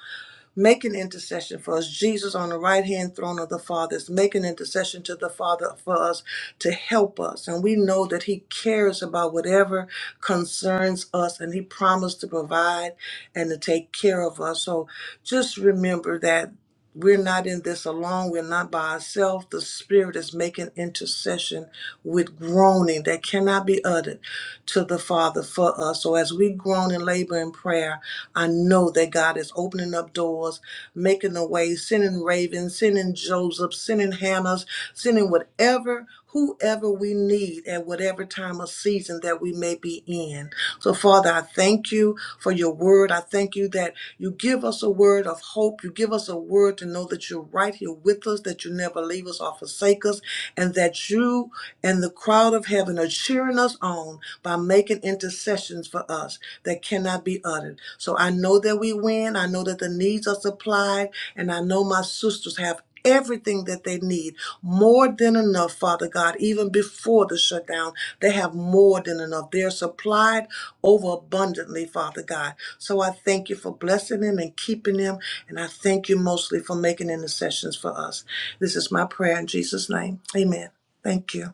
Speaker 3: making intercession for us. Jesus on the right hand throne of the Father is making intercession to the Father for us to help us. And we know that He cares about whatever concerns us and He promised to provide and to take care of us. So just remember that we're not in this alone. We're not by ourselves. The Spirit is making intercession with groaning that cannot be uttered to the Father for us. So as we groan and labor in prayer, I know that God is opening up doors, making a way, sending ravens, sending Joseph, sending Hannahs, sending whatever, whoever we need at whatever time or season that we may be in. So, Father, I thank you for your word. I thank you that you give us a word of hope. You give us a word to know that you're right here with us, that you never leave us or forsake us, and that you you and the crowd of heaven are cheering us on by making intercessions for us that cannot be uttered. So I know that we win. I know that the needs are supplied. And I know my sisters have everything that they need, more than enough, Father God, even before the shutdown. They have more than enough. They're supplied overabundantly, Father God. So I thank you for blessing them and keeping them. And I thank you mostly for making intercessions for us. This is my prayer in Jesus' name. Amen. Thank you.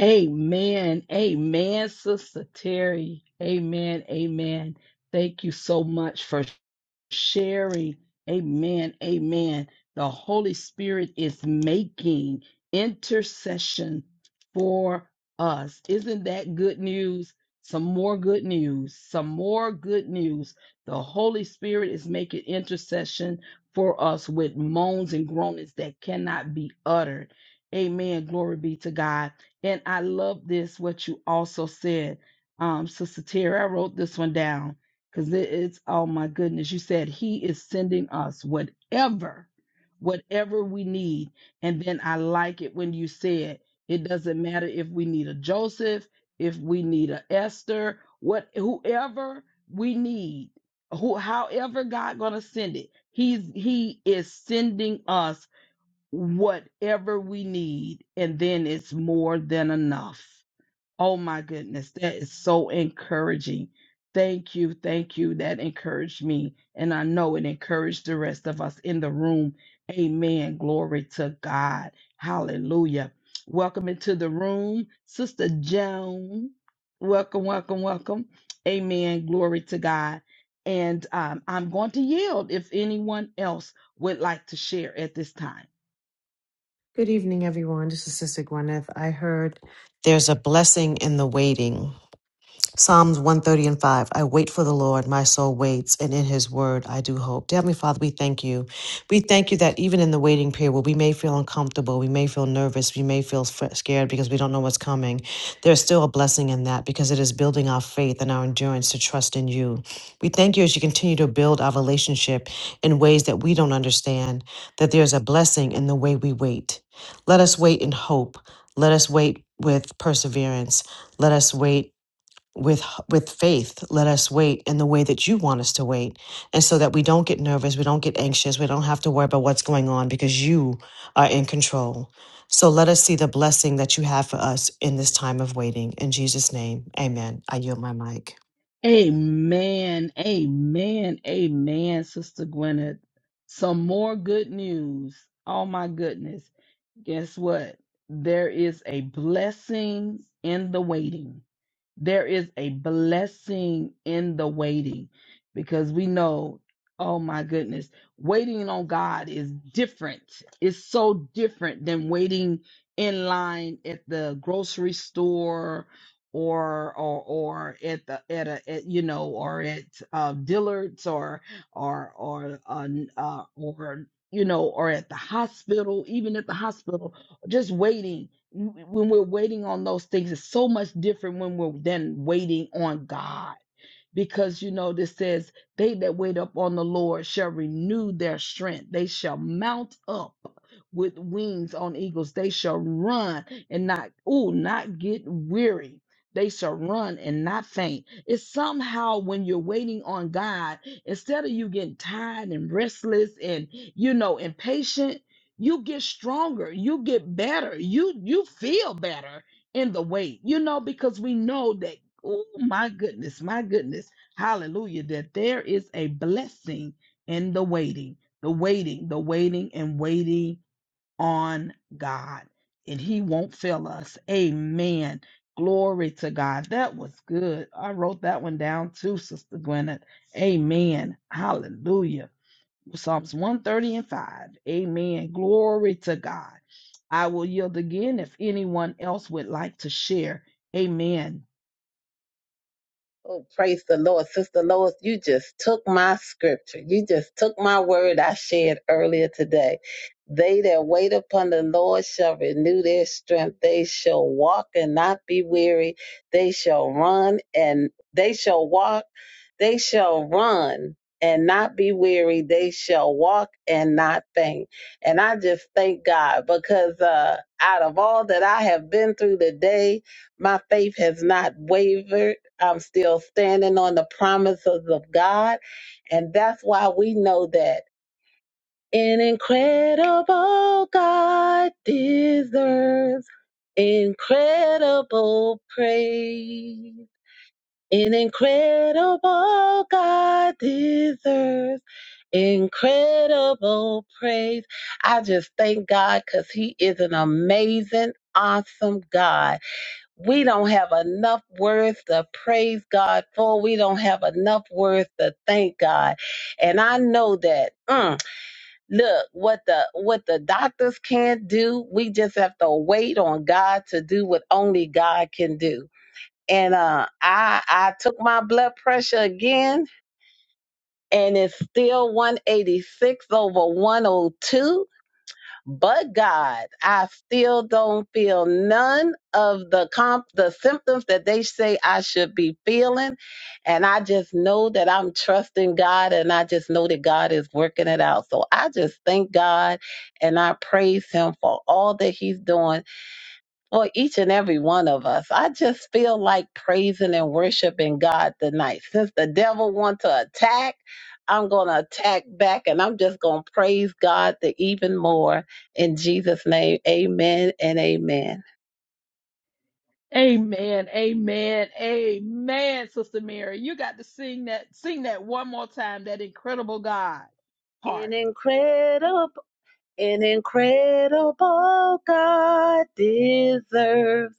Speaker 1: Amen. Amen, Sister Terry. Amen. Amen. Thank you so much for sharing. Amen. Amen. The Holy Spirit is making intercession for us. Isn't that good news? Some more good news. Some more good news. The Holy Spirit is making intercession for us with moans and groanings that cannot be uttered. Amen. Glory be to God. And I love this, what you also said. Um, Sister Terry, I wrote this one down because it's oh my goodness you said he is sending us whatever whatever we need and then i like it when you said it doesn't matter if we need a joseph if we need a esther what whoever we need who however god gonna send it he's he is sending us whatever we need and then it's more than enough Oh my goodness, that is so encouraging. Thank you, thank you. That encouraged me, and I know it encouraged the rest of us in the room. Amen. Glory to God. Hallelujah. Welcome into the room, Sister Joan. Welcome, welcome, welcome. Amen. Glory to God. And um, I'm going to yield if anyone else would like to share at this time.
Speaker 2: Good evening, everyone. This is Sister Gwyneth. I heard there's a blessing in the waiting. Psalms 130 and 5. I wait for the Lord, my soul waits, and in his word I do hope. Dear Heavenly Father, we thank you. We thank you that even in the waiting period where we may feel uncomfortable, we may feel nervous, we may feel scared because we don't know what's coming, there's still a blessing in that because it is building our faith and our endurance to trust in you. We thank you as you continue to build our relationship in ways that we don't understand, that there's a blessing in the way we wait. Let us wait in hope. Let us wait with perseverance. Let us wait with with faith let us wait in the way that you want us to wait and so that we don't get nervous we don't get anxious we don't have to worry about what's going on because you are in control so let us see the blessing that you have for us in this time of waiting in jesus name amen i yield my mic
Speaker 1: Amen. Amen. Amen, Sister Gwyneth. Some more good news. Oh my goodness. Guess what? There is a blessing in the waiting. There is a blessing in the waiting because we know, oh my goodness, waiting on God is different. It's so different than waiting in line at the grocery store or or or at the at a at, you know or at uh Dillard's or or or uh, uh or you know or at the hospital even at the hospital just waiting when we're waiting on those things it's so much different when we're then waiting on god because you know this says they that wait up on the lord shall renew their strength they shall mount up with wings on eagles they shall run and not ooh not get weary they shall run and not faint it's somehow when you're waiting on god instead of you getting tired and restless and you know impatient you get stronger you get better you you feel better in the wait you know because we know that Oh, my goodness, my goodness. Hallelujah. That there is a blessing in the waiting, the waiting, the waiting, and waiting on God. And He won't fail us. Amen. Glory to God. That was good. I wrote that one down too, Sister Gwyneth. Amen. Hallelujah. Psalms 130 and 5. Amen. Glory to God. I will yield again if anyone else would like to share. Amen.
Speaker 5: Oh, praise the Lord. Sister Lois, you just took my scripture. You just took my word I shared earlier today. They that wait upon the Lord shall renew their strength. They shall walk and not be weary. They shall run and they shall walk. They shall run and not be weary. They shall walk and not faint. And I just thank God because uh, out of all that I have been through today, my faith has not wavered. I'm still standing on the promises of God. And that's why we know that an incredible God deserves incredible praise. An incredible God deserves incredible praise. I just thank God because He is an amazing, awesome God we don't have enough words to praise God for. We don't have enough words to thank God. And I know that mm, look what the what the doctors can't do, we just have to wait on God to do what only God can do. And uh I I took my blood pressure again and it's still 186 over 102 but God, I still don't feel none of the comp the symptoms that they say I should be feeling. And I just know that I'm trusting God and I just know that God is working it out. So I just thank God and I praise him for all that he's doing or each and every one of us. I just feel like praising and worshiping God tonight. Since the devil wants to attack, I'm going to attack back and I'm just going to praise God the even more. In Jesus' name, amen and amen.
Speaker 1: Amen. Amen. Amen, Sister Mary. You got to sing that, sing that one more time, that incredible God
Speaker 5: An
Speaker 1: part.
Speaker 5: incredible, an incredible God deserves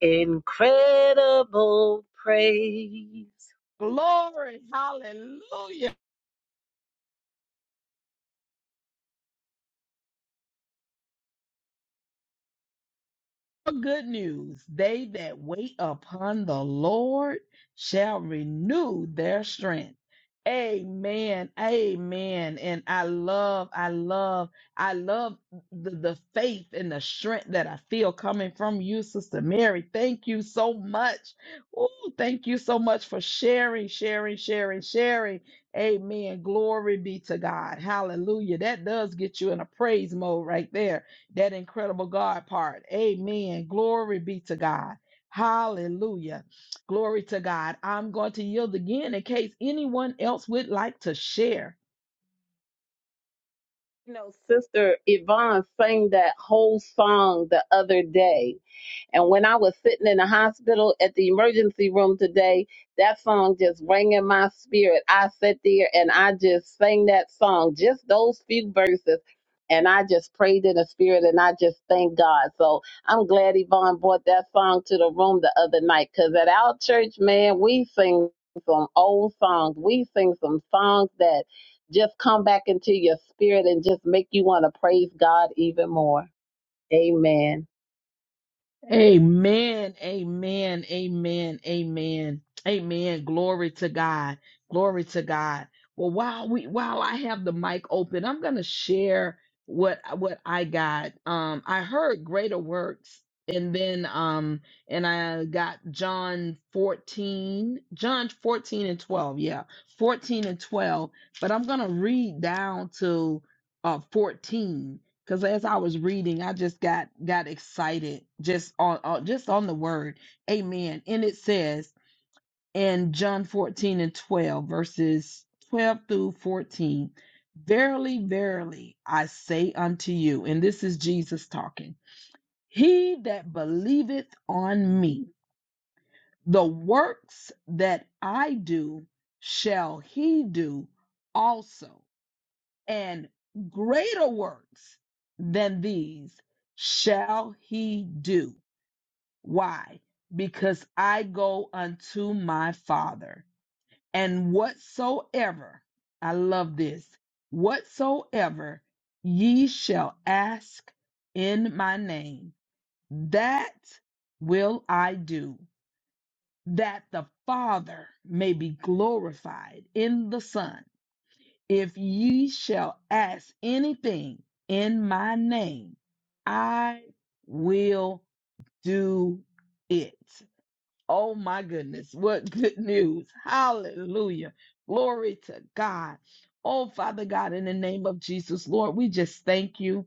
Speaker 5: incredible praise.
Speaker 1: Glory. Hallelujah. good news. They that wait upon the Lord shall renew their strength. Amen. Amen. And I love, I love, I love the, the faith and the strength that I feel coming from you, Sister Mary. Thank you so much. Oh, thank you so much for sharing, sharing, sharing, sharing. Amen. Glory be to God. Hallelujah. That does get you in a praise mode right there that incredible God part. Amen. Glory be to God. Hallelujah. Glory to God. I'm going to yield again in case anyone else would like to share.
Speaker 5: You know, Sister Yvonne sang that whole song the other day. And when I was sitting in the hospital at the emergency room today, that song just rang in my spirit. I sat there and I just sang that song, just those few verses. And I just prayed in the spirit and I just thanked God. So I'm glad Yvonne brought that song to the room the other night because at our church, man, we sing some old songs. We sing some songs that just come back into your spirit and just make you want to praise God even more. Amen.
Speaker 1: Amen. Amen. Amen. Amen. Amen. Glory to God. Glory to God. Well, while we while I have the mic open, I'm gonna share what what I got. Um, I heard greater works, and then um, and I got John 14, John 14 and 12, yeah, 14 and 12. But I'm gonna read down to uh 14. Because as I was reading, I just got got excited just on, on just on the word. Amen. And it says in John 14 and 12, verses 12 through 14, Verily, verily, I say unto you, and this is Jesus talking, he that believeth on me, the works that I do shall he do also and greater works than these shall he do. Why? Because I go unto my Father, and whatsoever, I love this, whatsoever ye shall ask in my name, that will I do, that the Father may be glorified in the Son. If ye shall ask anything in my name, I will do it. Oh my goodness, what good news! Hallelujah. Glory to God. Oh, Father God, in the name of Jesus, Lord, we just thank you.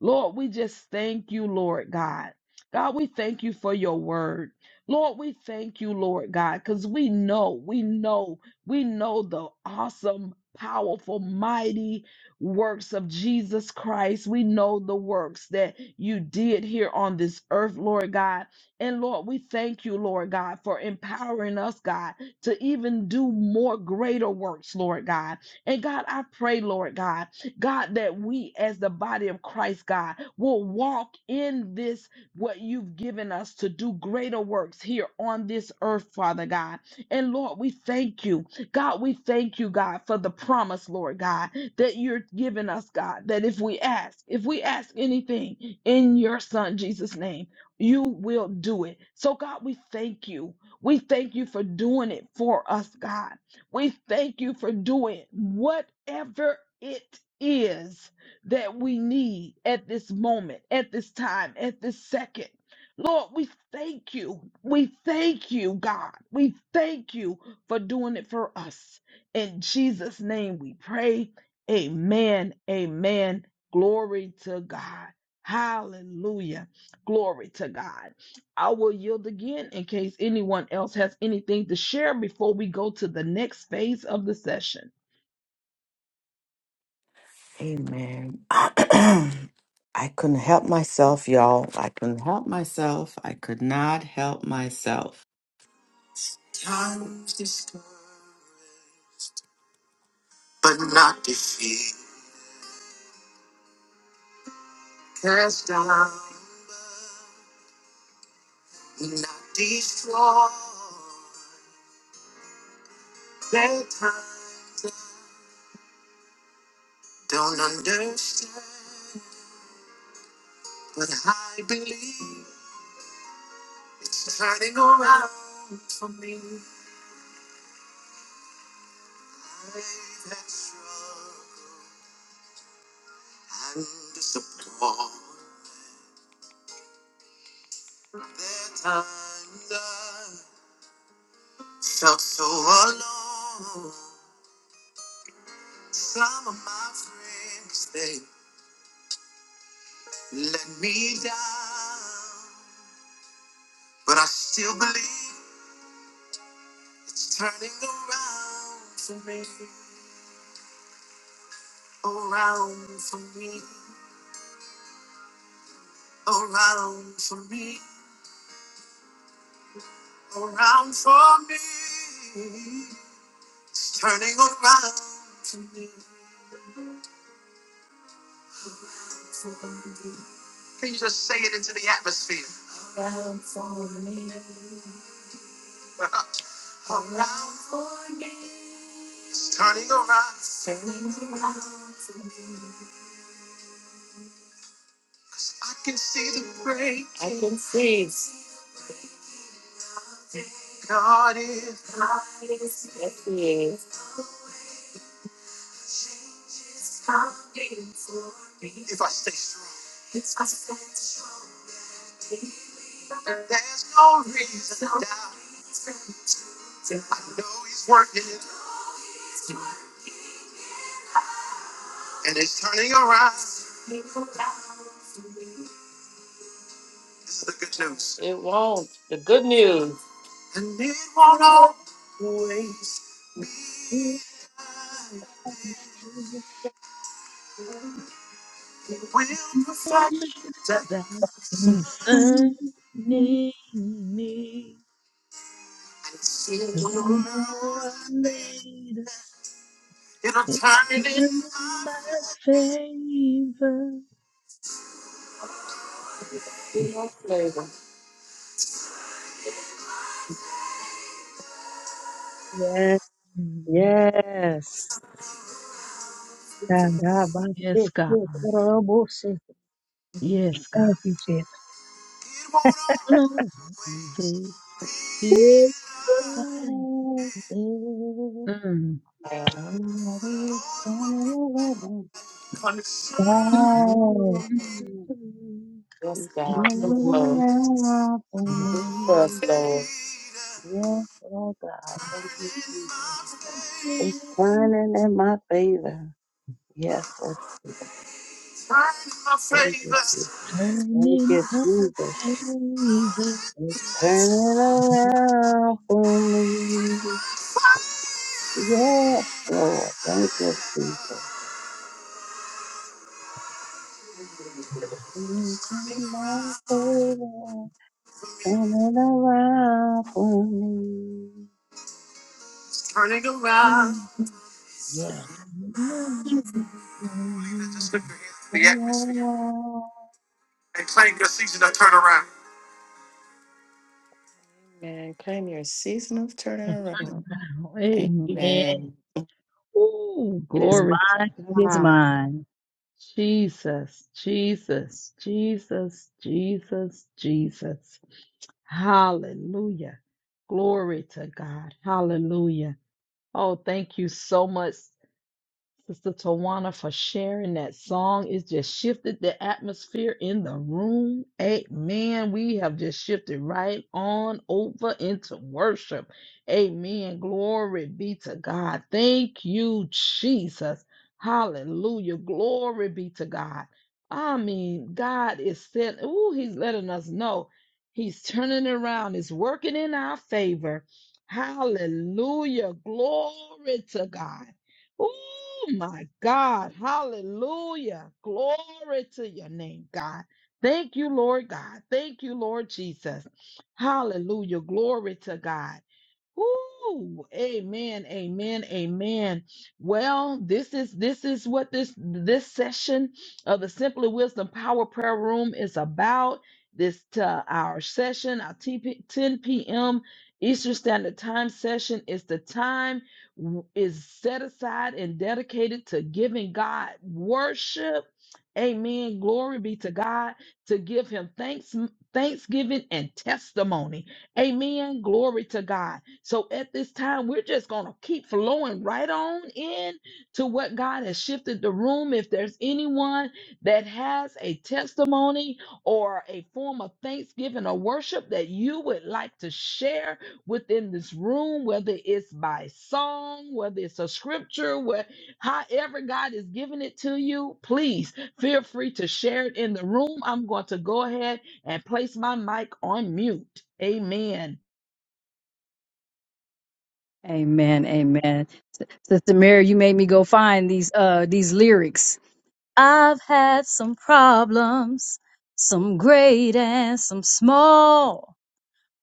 Speaker 1: Lord, we just thank you, Lord God. God, we thank you for your word. Lord, we thank you, Lord God, because we know, we know, we know the awesome, powerful, mighty works of Jesus Christ. We know the works that you did here on this earth, Lord God. And Lord, we thank you, Lord God, for empowering us, God, to even do more greater works, Lord God. And God, I pray, Lord God, God, that we as the body of Christ, God, will walk in this, what you've given us to do greater works here on this earth, Father God. And Lord, we thank you. God, we thank you, God, for the promise, Lord God, that you're giving us, God, that if we ask, if we ask anything in your Son, Jesus' name, you will do it. So, God, we thank you. We thank you for doing it for us, God. We thank you for doing whatever it is that we need at this moment, at this time, at this second. Lord, we thank you. We thank you, God. We thank you for doing it for us. In Jesus' name we pray. Amen. Amen. Glory to God. Hallelujah. Glory to God. I will yield again in case anyone else has anything to share before we go to the next phase of the session. What is it That concerning me sooner or later, it turn in my favor.
Speaker 4: Yes.
Speaker 1: Mm,
Speaker 4: Yes. Thank
Speaker 1: Yes, God. Yes, God.
Speaker 4: you, Jesus.
Speaker 1: No, this be thy Mm.
Speaker 4: Yes.
Speaker 5: It's
Speaker 1: Thank you, Lord.
Speaker 5: turning around for
Speaker 1: So
Speaker 5: me. Yes, oh God, thank you, Jesus. It's turning in my favor. Yes, oh, thank you, Jesus. Thank
Speaker 1: turning
Speaker 5: you,
Speaker 1: my
Speaker 5: Jesus.
Speaker 1: favor.
Speaker 5: It's turning around for me. Yes, Lord. Thank you, Jesus. Anything my favor turning around for me. Mm,
Speaker 1: It's
Speaker 5: Yes,
Speaker 1: turning
Speaker 5: Jesus.
Speaker 1: around.
Speaker 5: Oh,
Speaker 1: Yeah, turn around. Amen. Oh,
Speaker 4: It is
Speaker 1: glory
Speaker 4: mine.
Speaker 1: to
Speaker 4: It is
Speaker 1: God.
Speaker 4: mine.
Speaker 1: Jesus, Jesus, Jesus, Jesus, Jesus. Hallelujah. Glory to God. Hallelujah. Oh, thank you so much, Sister Tawana for sharing that song. It just shifted the atmosphere in the room. Amen. We have just shifted right on over into worship. Amen. Glory be to God. Thank you, Jesus. Hallelujah. Glory be to God. I mean, God is sent. Ooh, He's letting us know He's turning around. It's working in our favor. Hallelujah. Glory to God. Oh my God. Hallelujah. Glory to your name, God. Thank you, Lord God. Thank you, Lord Jesus. Hallelujah. Glory to God. Ooh, Amen. Amen. Amen. Well, this is this is what this this session of the Simply Wisdom Power Prayer Room is about. This uh, our session, our 10 10 p.m. Eastern Standard Time session is the time w- is set aside and dedicated to giving God worship. Amen. Glory be to God to give Him thanks, thanksgiving, and testimony. Amen. Glory to God. So at this time, we're just going to keep flowing right on in to what God has shifted the room. If there's anyone that has a testimony or a form of thanksgiving or worship that you would like to share within this room, whether it's by song, whether it's a scripture, where, however God is giving it to you, please feel free to share it in the room. I'm going to go ahead and place my mic on mute. Amen.
Speaker 4: Amen. Amen. S- Sister Mary, you made me go find these uh these lyrics. I've had some problems, some great and some small.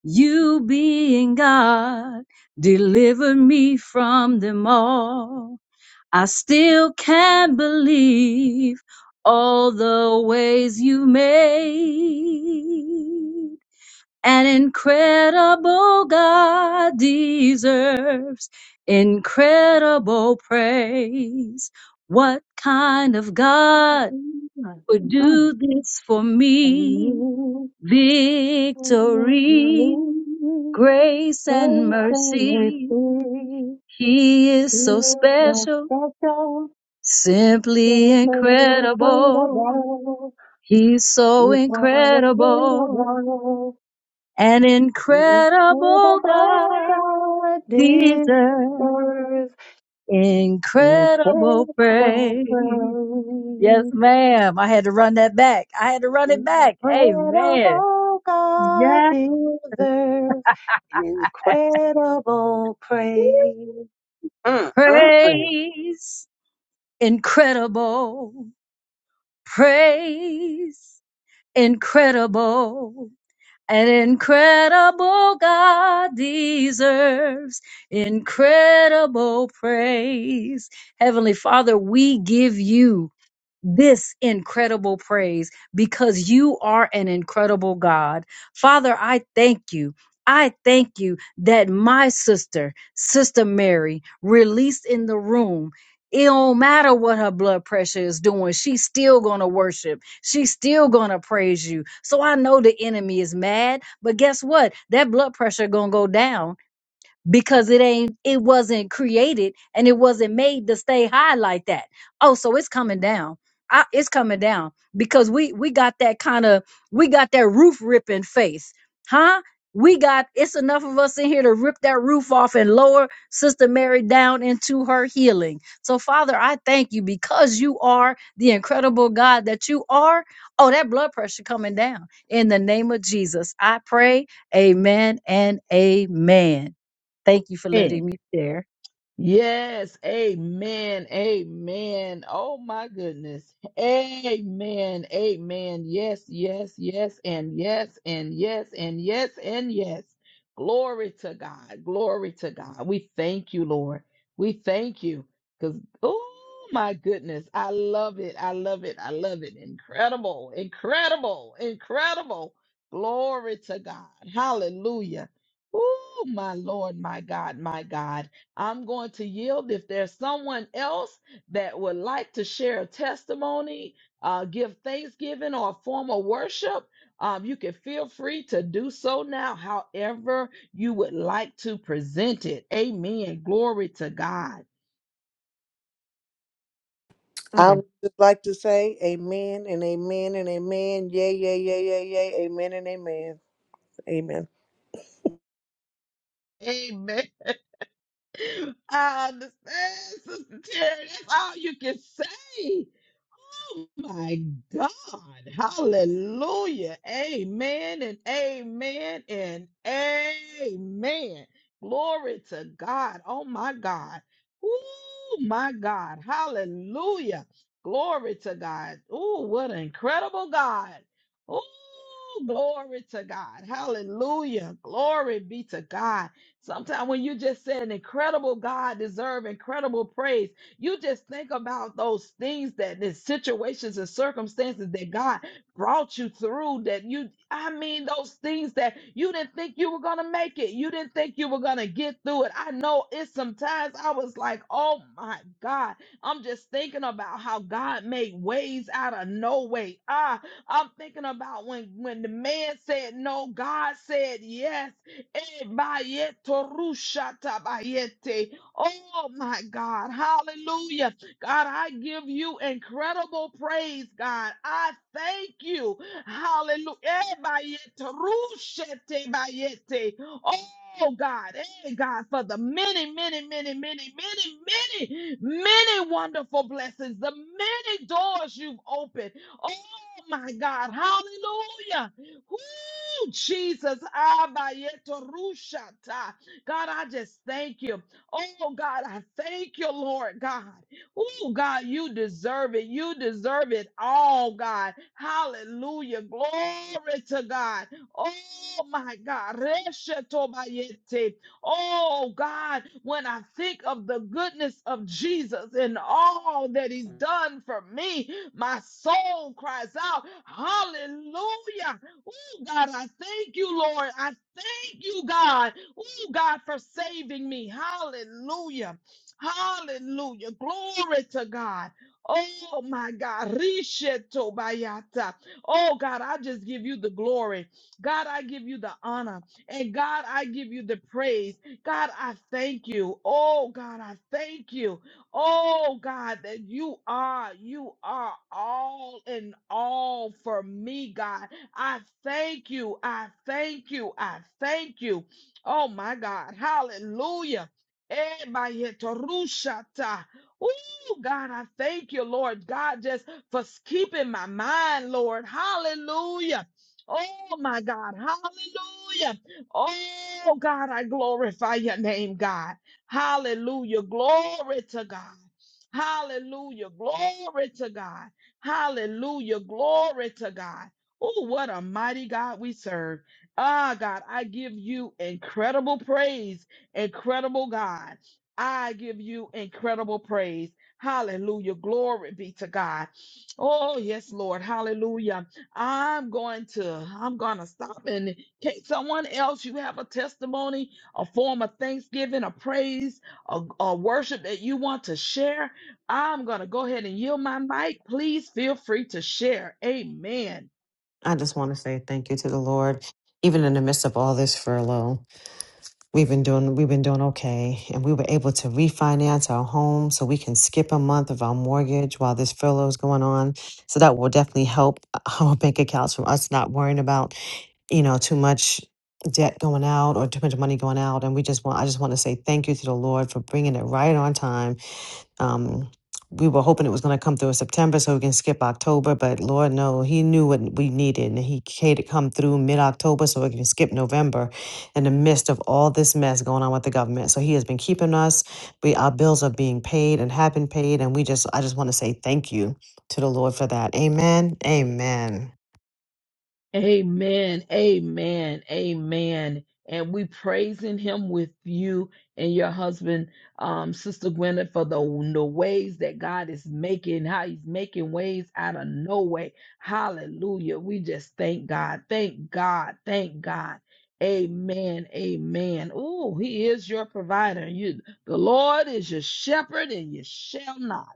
Speaker 4: You being God, deliver me from them all. I still can't believe all the ways you made. An incredible God deserves incredible praise. What kind of God
Speaker 5: God.
Speaker 4: would do this for me?
Speaker 5: Mm. Oh, Lord,
Speaker 4: Victory,
Speaker 5: you
Speaker 4: grace, and
Speaker 5: grace and
Speaker 4: mercy.
Speaker 5: mercy.
Speaker 4: He is
Speaker 5: He
Speaker 4: so
Speaker 5: is the
Speaker 4: special,
Speaker 5: special, yes,
Speaker 4: simply
Speaker 5: a little bit of
Speaker 4: incredible.
Speaker 5: all.
Speaker 4: He's so
Speaker 5: He's not afraid of
Speaker 4: incredible,
Speaker 5: all.
Speaker 4: an
Speaker 5: Incredible
Speaker 4: incredible God.
Speaker 5: God
Speaker 4: deserves.
Speaker 5: deserves
Speaker 4: Incredible
Speaker 5: incredible
Speaker 4: praise. Yes,
Speaker 5: praise.
Speaker 4: ma'am. I had to run that back. I had to run it back. Amen.
Speaker 5: Incredible God
Speaker 4: Yes.
Speaker 5: deserves incredible praise. Mm, mm, mm.
Speaker 4: Praise. Incredible. Praise. Incredible. An incredible God deserves incredible praise. Heavenly Father, we give you. this incredible praise because you are an incredible God. Father, I thank you. I thank you that my sister, Sister Mary, released in the room. It don't matter what her blood pressure is doing. She's still going to worship. She's still going to praise you. So I know the enemy is mad, but guess what? That blood pressure going to go down because it ain't it wasn't created and it wasn't made to stay high like that oh so it's coming down I, it's coming down because we we got that kind of we got that roof ripping faith, huh we got it's enough of us in here to rip that roof off and lower sister mary down into her healing so father i thank you because you are the incredible god that you are oh that blood pressure coming down in the name of jesus i pray amen and amen Thank you for
Speaker 1: Amen.
Speaker 4: letting me share.
Speaker 1: Yes, amen, amen. Oh my goodness. Amen, amen. Yes, yes, yes, and yes, and yes, and yes, and yes. Glory to God, glory to God. We thank you, Lord. We thank you because, oh my goodness, I love it, I love it, I love it. Incredible, incredible, incredible. Glory to God. Hallelujah. Oh, my Lord, my God, my God. I'm going to yield. If there's someone else that would like to share a testimony, uh, give thanksgiving or a form of worship, um, you can feel free to do so now, however you would like to present it. Amen. Glory to God.
Speaker 2: i
Speaker 3: I
Speaker 2: like
Speaker 3: would just like to say amen and amen and amen. Yay, yay, yay, yay, yay. Amen and amen. Amen.
Speaker 1: Amen. *laughs* I understand, Sister Terry. That's all you can say. Oh my God. Hallelujah. Amen and amen and amen. Glory to God. Oh my God. Oh my God. Hallelujah. Glory to God. Oh, what an incredible God. Oh, glory to God. Hallelujah. Glory be to God. Sometimes when you just say an incredible God deserve incredible praise. You just think about those things that the situations and circumstances that God brought you through that you I mean those things that you didn't think you were gonna make it. You didn't think you were gonna get through it. I know it's sometimes I was like, oh my God. I'm just thinking about how God made ways out of no way. Ah, I'm thinking about when when the man said no, God said yes. Eh, bayetorushatabayete. Oh my God. Hallelujah. God, I give you incredible praise, God. I thank you. Hallelujah. Eh, bayete, rushete, bayete. Oh God, eh, God, for the many, many, many, many, many, many, many wonderful blessings, the many doors you've opened. Oh my God, hallelujah. Woo, Jesus, ah, bayete, rushata. God, I just thank you. Oh God, I thank you, Lord God. Oh God, you deserve it. You deserve it all, God. Hallelujah. Glory to God. Oh my God. Reshetobayete. Oh God, when I think of the goodness of Jesus and all that he's done for me, my soul cries out, Hallelujah. Oh, God, I thank you, Lord. I thank you, God. Oh, God, for saving me. Hallelujah. Hallelujah. Glory to God. Oh, my God. Risheto bayata. Oh, God, I just give you the glory. God, I give you the honor. And God, I give you the praise. God, I thank you. Oh, God, I thank you. Oh God, that you are, you are all in all for me, God. I thank you. I thank you. I thank you. Oh my God. Hallelujah. Eh, my yetorushata. Ooh, God, I thank you, Lord God, just for s- keeping my mind, Lord. Hallelujah. Oh my God. Hallelujah. Oh God, I glorify your name, God. Hallelujah. Glory to God. Hallelujah. Glory to God. Hallelujah. Glory to God. Oh, what a mighty God we serve. Ah, God, I give you incredible praise. Incredible God. I give you incredible praise. Hallelujah. Glory be to God. Oh, yes, Lord. Hallelujah. I'm going to, I'm going to stop. And can someone else, you have a testimony? a form of thanksgiving, a praise, a, a worship that you want to share, I'm going to go ahead and yield my mic. Please feel free to share. Amen.
Speaker 2: i just want to say thank you to the lord even in the midst of all this furlough We've been doing we've been doing okay, and we were able to refinance our home so we can skip a month of our mortgage while this furlough is going on. So that will definitely help *laughs* our bank accounts from us not worrying about you know too much debt going out or too much money going out. And we just want I just want to say thank you to the Lord for bringing it right on time um, we were hoping it was going to come through in September so we can skip October, but Lord, no, He knew what we needed. And He had it come through mid October so we can skip November in the midst of all this mess going on with the government. So He has been keeping us. We, our bills are being paid and have been paid. And we just, I just want to say thank you to the Lord for that. Amen. Amen.
Speaker 1: Amen. Amen. Amen. And we praising him with you and your husband, um, Sister Gwyneth, for the, the ways that God is making, how he's making ways out of no way. Hallelujah. We just thank God. Thank God. Thank God. Amen. Amen. Oh, he is your provider. You the Lord is your shepherd, and you shall not.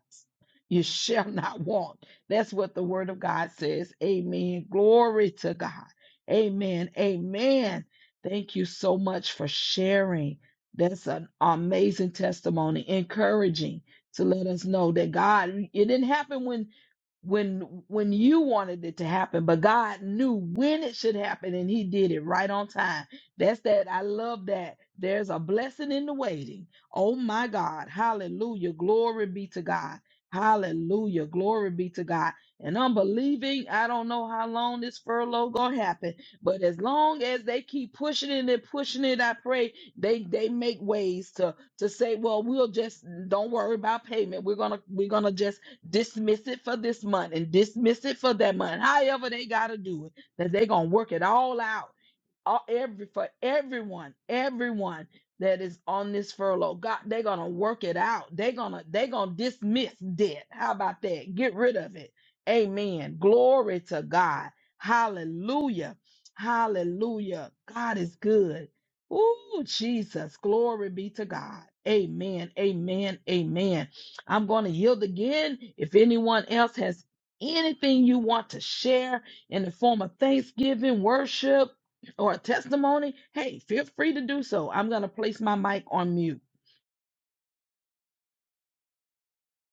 Speaker 1: You shall not want. That's what the word of God says. Amen. Glory to God. Amen. Amen. Thank you so much for sharing. That's an amazing testimony, encouraging to let us know that God, it didn't happen when when when you wanted it to happen but god knew when it should happen and he did it right on time that's that i love that there's a blessing in the waiting oh my god hallelujah glory be to god Hallelujah. Glory be to God. And I'm believing, I don't know how long this furlough gonna happen, but as long as they keep pushing it and pushing it, I pray they they make ways to to say, well, we'll just don't worry about payment. We're gonna we're gonna just dismiss it for this month and dismiss it for that month. However, they gotta do it, that they gonna work it all out all every for everyone, everyone that is on this furlough. God, they're gonna work it out. They're gonna they're gonna dismiss debt. How about that? Get rid of it. Amen. Glory to God. Hallelujah. Hallelujah. God is good. Ooh, Jesus. Glory be to God. Amen. Amen. Amen. I'm going to yield again. If anyone else has anything you want to share in the form of thanksgiving, worship, or a testimony, hey, feel free to do so. I'm going to place my mic on mute.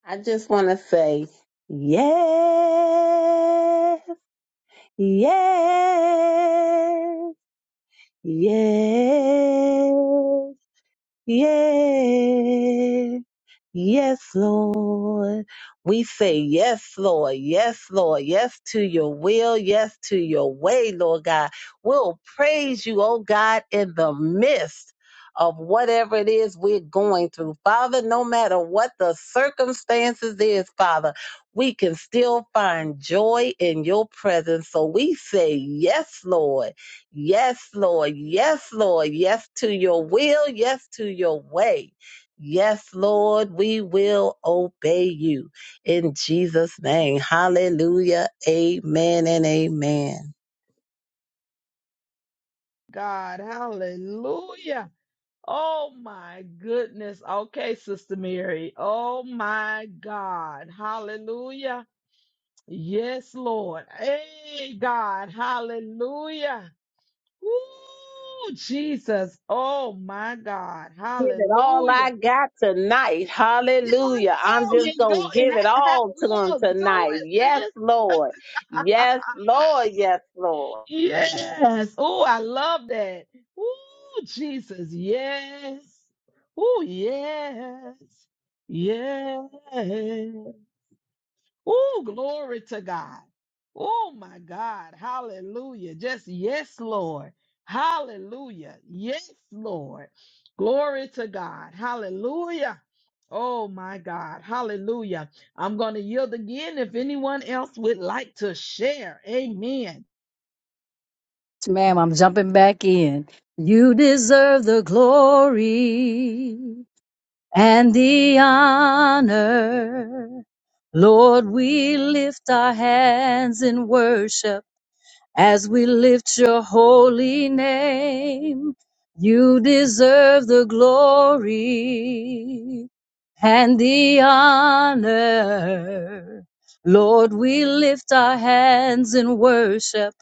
Speaker 5: I just want to say yes, yes, yes. Yeah. Yes, Lord. We say yes, Lord. Yes, Lord. Yes to your will. Yes to your way, Lord God. We'll praise you, oh God, in the midst of whatever it is we're going through. Father, no matter what the circumstances is, Father, we can still find joy in your presence. So we say yes, Lord. Yes, Lord. Yes, Lord. Yes to your will. Yes to your way. Yes, Lord, we will obey you in Jesus' name. Hallelujah. Amen and amen.
Speaker 1: God, hallelujah. Oh my goodness. Okay, Sister Mary. Oh my God. Hallelujah. Yes, Lord. Hey, God. Hallelujah. Ooh, Jesus. Oh my God.
Speaker 5: Give it all
Speaker 1: Hallelujah.
Speaker 5: I got tonight.
Speaker 1: Yeah, I
Speaker 5: Hallelujah. I'm
Speaker 1: know.
Speaker 5: just
Speaker 1: You go.
Speaker 5: going to
Speaker 1: You
Speaker 5: give it
Speaker 1: ha-
Speaker 5: all to
Speaker 1: ha-
Speaker 5: him
Speaker 1: Look, do
Speaker 5: tonight. Yes,
Speaker 1: it,
Speaker 5: Lord.
Speaker 1: sis.
Speaker 5: Yes,
Speaker 1: *laughs*
Speaker 5: Lord. Yes, Lord.
Speaker 1: Yes. Oh, I love that. Oh, Jesus. Yes. Oh, yes. Yes. Oh, glory to God. Oh, my God. Hallelujah. Just yes, Lord. Hallelujah. Yes, Lord. Glory to God. Hallelujah. Oh, my God. Hallelujah. I'm going to yield again if anyone else would like to share. Amen.
Speaker 4: Yes, Ma'am, I'm jumping back in. You deserve the glory and the honor. Lord, we lift our hands in worship as we lift your holy name. You deserve the glory and the honor. Lord, we lift our hands in worship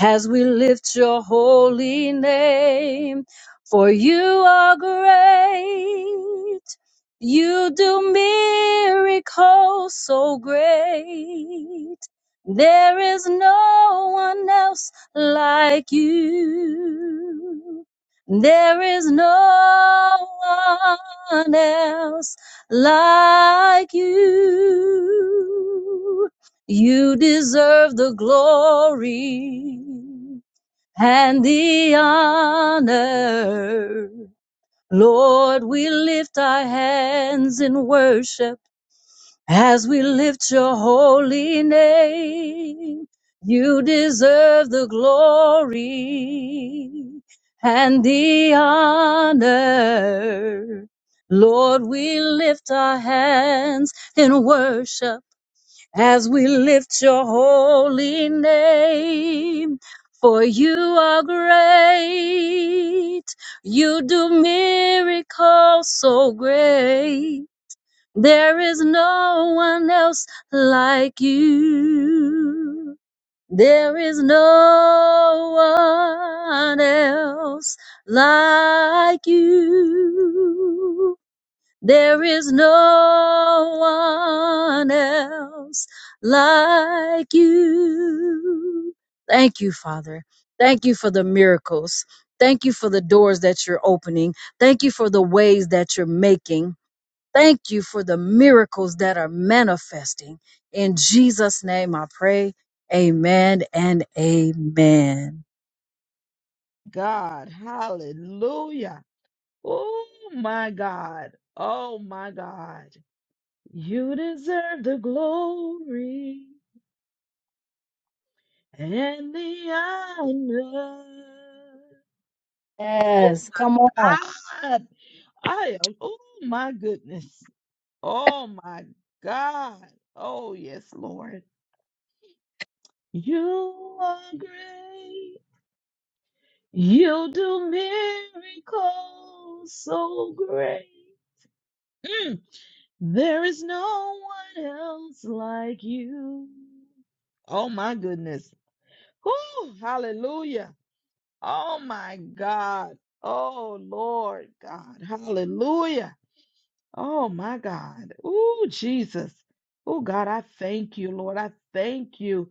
Speaker 4: as we lift your holy name. For you are great. You do miracles so great. There is no one else like you. There is no one else like you. You deserve the glory and the honor. Lord, we lift our hands in worship as we lift your holy name, you deserve the glory and the honor. Lord, we lift our hands in worship as we lift your holy name. For you are great. You do miracles so great. There is no one else like you. There is no one else like you. There is no one else like you. Thank you, Father. Thank you for the miracles. Thank you for the doors that you're opening. Thank you for the ways that you're making. Thank you for the miracles that are manifesting. In Jesus' name I pray. Amen and amen.
Speaker 1: God. Hallelujah. Oh my God. Oh my God. You deserve the glory and the honor. Oh
Speaker 4: Yes,
Speaker 1: my
Speaker 4: come on.
Speaker 1: God. I am. Oh my goodness. Oh my God. Oh yes, Lord. You are great. You do miracles so great. Mm. There is no one else like you. Oh my goodness. Whew, hallelujah. Oh my God. Oh Lord God. Hallelujah. Oh my God. Oh, Jesus. Oh, God, I thank you, Lord. I thank you.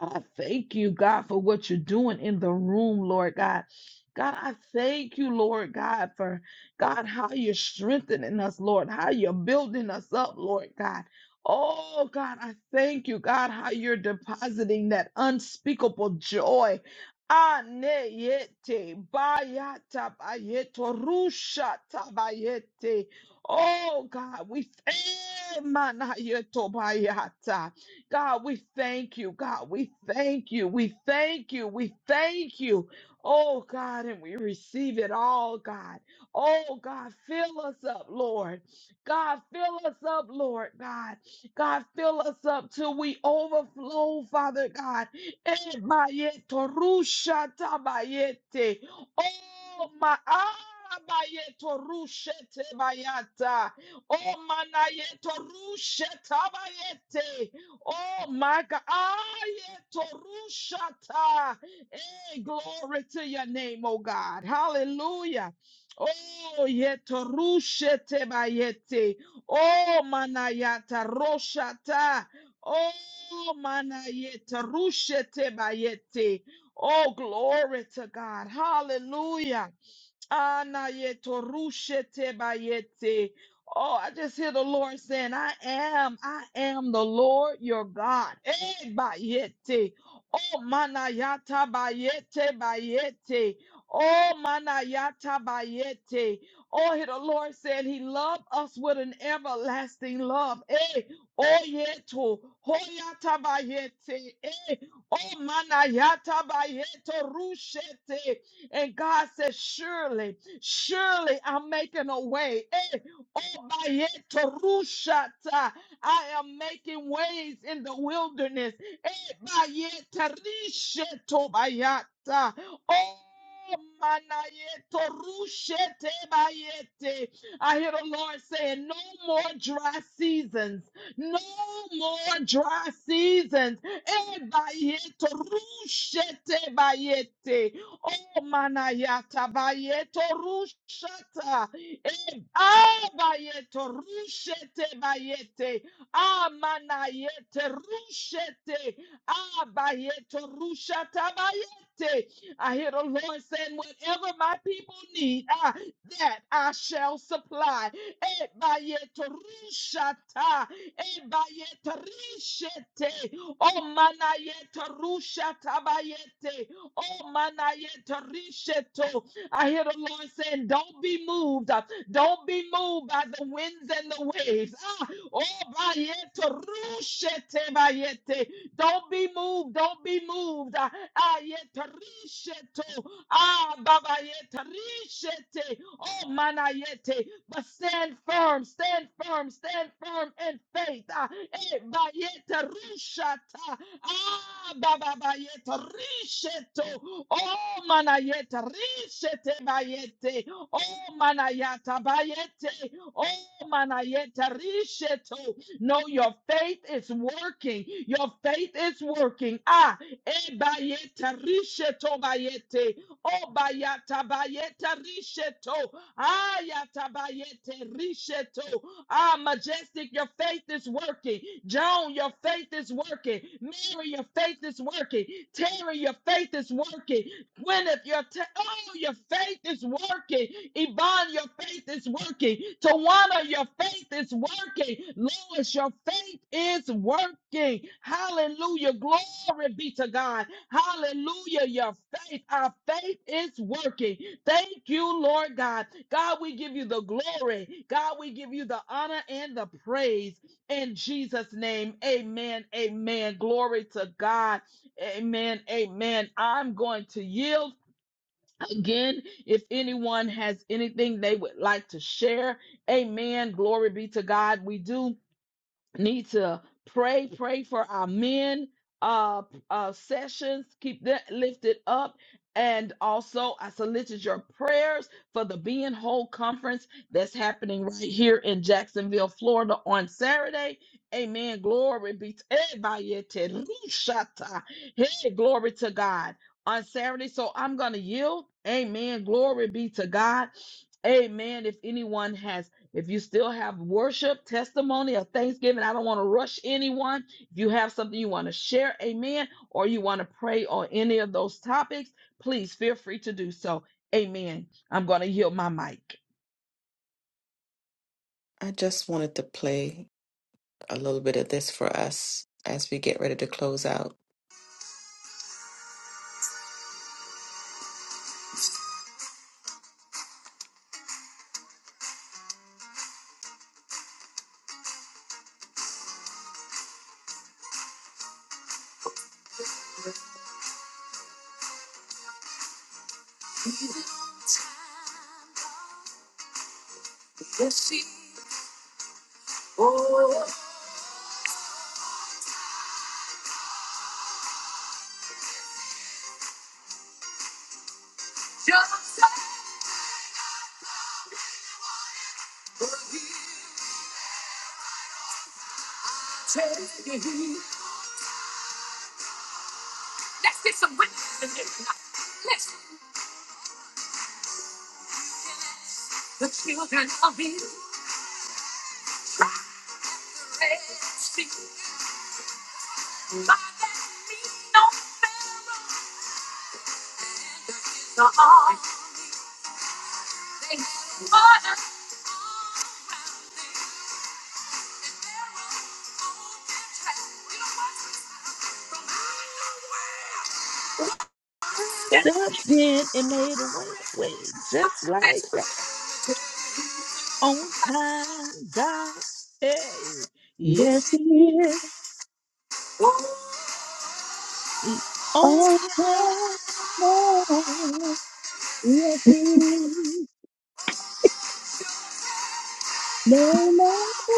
Speaker 1: God, I thank you, God, for what you're doing in the room, Lord God. God, I thank you, Lord God, for God, how you're strengthening us, Lord, how you're building us up, Lord God. Oh, God, I thank you, God, how you're depositing that unspeakable joy. Aneyete bayata bayeto rusha tabayete. Oh God, we thank Manayetobayata. God, we thank you. God, we thank you. We thank you. We thank you. Oh God, and we receive it all, God. Oh God, fill us up, Lord. God, fill us up, Lord God. God, fill us up till we overflow, Father God. Eh, mayeto rusha tabayete. Oh my arabayeto rushete bayata. Oh manayeto rusheta bayete. Oh my God. Ayeto rushata. Hey, glory to your name, oh God. Hallelujah. Oh yeto rushete bayete. Oh manayata roshata. Oh manayeta rushete bayete. Oh, glory to God. Hallelujah. Anayeto rushete bayete. Oh, I just hear the Lord saying, I am, I am the Lord your God. Eh, bayete. Oh, manayata bayete bayete. Oh, manayata bayete. Oh, hear the Lord said he loved us with an everlasting love. Eh, oh, yeto. Hoyata bayete. Eh, oh, manayata bayeto rushete. And God says, Surely, surely I'm making a way. Eh, obayeterushata. I am making ways in the wilderness. Eh, bayeterishetobayata. Oh, manayeterushetebayete. I hear the Lord saying, No more dry seasons. No more dry seasons. Eh, bayeterushetebayete. Oh manayata bayeto rushata. Eh, ah, bayeto rushete bayete. Ah manayete rushete. a bayeto rushata bayete. I hear the Lord saying, whatever my people need, ah, that I shall supply. Eh, bayeto rushata. Eh, bayeto rushete. Oh manayete rushata bayete. Oh, manayeterisheto. I hear the Lord saying, Don't be moved. Uh, Don't be moved by the winds and the waves. Ah, oh, bayeterushete bayete. Don't be moved. Don't be moved. Ah, ayeterisheto. Ah, babayeterishete. Oh, manayete. But stand firm, stand firm, stand firm in faith. Ah, eh, bayeterushata. Ah, baba bayete risheto. Oh, manayete rishete bayete. Oh, manayata bayete. Oh, manayete risheto. No, your faith is working. Your faith is working. Ah, e bayete risheto bayete. Oh, bayata bayete risheto. Ayatabayete risheto. Ah, majestic, your faith is working. Joan, your faith is working. Mary, your faith is working. Terry, your faith is working. Gwyneth, your ta- oh, your faith is working. Yvonne, your faith is working. Tawana, your faith is working. Lois, your faith is working. Hallelujah. Glory be to God. Hallelujah. Your faith, our faith is working. Thank you, Lord God. God, we give you the glory. God, we give you the honor and the praise in Jesus' name. Amen. Amen. Glory to God. Amen. Amen. I'm going to yield again. If anyone has anything they would like to share, amen. Glory be to God. We do need to pray pray for our men uh uh sessions keep that lifted up and also i solicit your prayers for the being whole conference that's happening right here in jacksonville florida on saturday amen glory be to Ebayete rishata. hey glory to god on saturday so i'm gonna yield amen glory be to god amen if anyone has if you still have worship, testimony, or thanksgiving, I don't want to rush anyone. If you have something you want to share, amen, or you want to pray on any of those topics, please feel free to do so. Amen. I'm going to yield my mic. Stepped in and made a way, way just like that. On time, God. Hey, yes,
Speaker 4: Yes, he
Speaker 1: He
Speaker 4: is
Speaker 1: is. On
Speaker 4: our
Speaker 1: time,
Speaker 4: Lord. Yes, he is. No man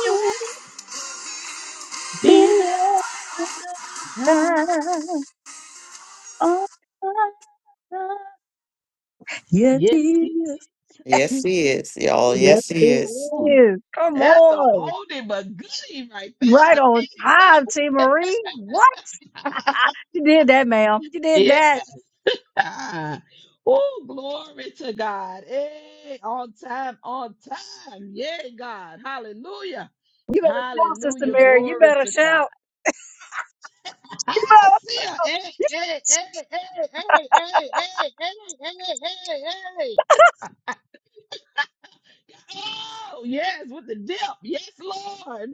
Speaker 1: you want to be
Speaker 4: be
Speaker 1: there right
Speaker 4: like
Speaker 1: on time.
Speaker 4: him. Oh, Yes, he
Speaker 1: Yes, He
Speaker 4: is.
Speaker 6: Yes, he is, y'all.
Speaker 4: Yes,
Speaker 6: Yes,
Speaker 4: he
Speaker 6: he is.
Speaker 1: is.
Speaker 4: is. Come
Speaker 1: That's a
Speaker 4: on.
Speaker 1: oldie but goodie right
Speaker 4: Right on time, T.
Speaker 1: there.
Speaker 4: Marie. What?
Speaker 1: Amen.
Speaker 4: You did that, ma'am. You did
Speaker 1: *laughs*
Speaker 4: that.
Speaker 1: yeah. Oh, glory to God. Hey, on time, on time. Yeah, God. Hallelujah.
Speaker 4: You better shout, Sister
Speaker 1: Hallelujah.
Speaker 4: Mary. You
Speaker 1: Glory
Speaker 4: better
Speaker 1: to God.
Speaker 4: shout. You
Speaker 1: I see her. Hey, hey, hey, hey, hey, hey, hey, hey, hey, hey. hey. Oh, yes, with the dip. Yes, Lord.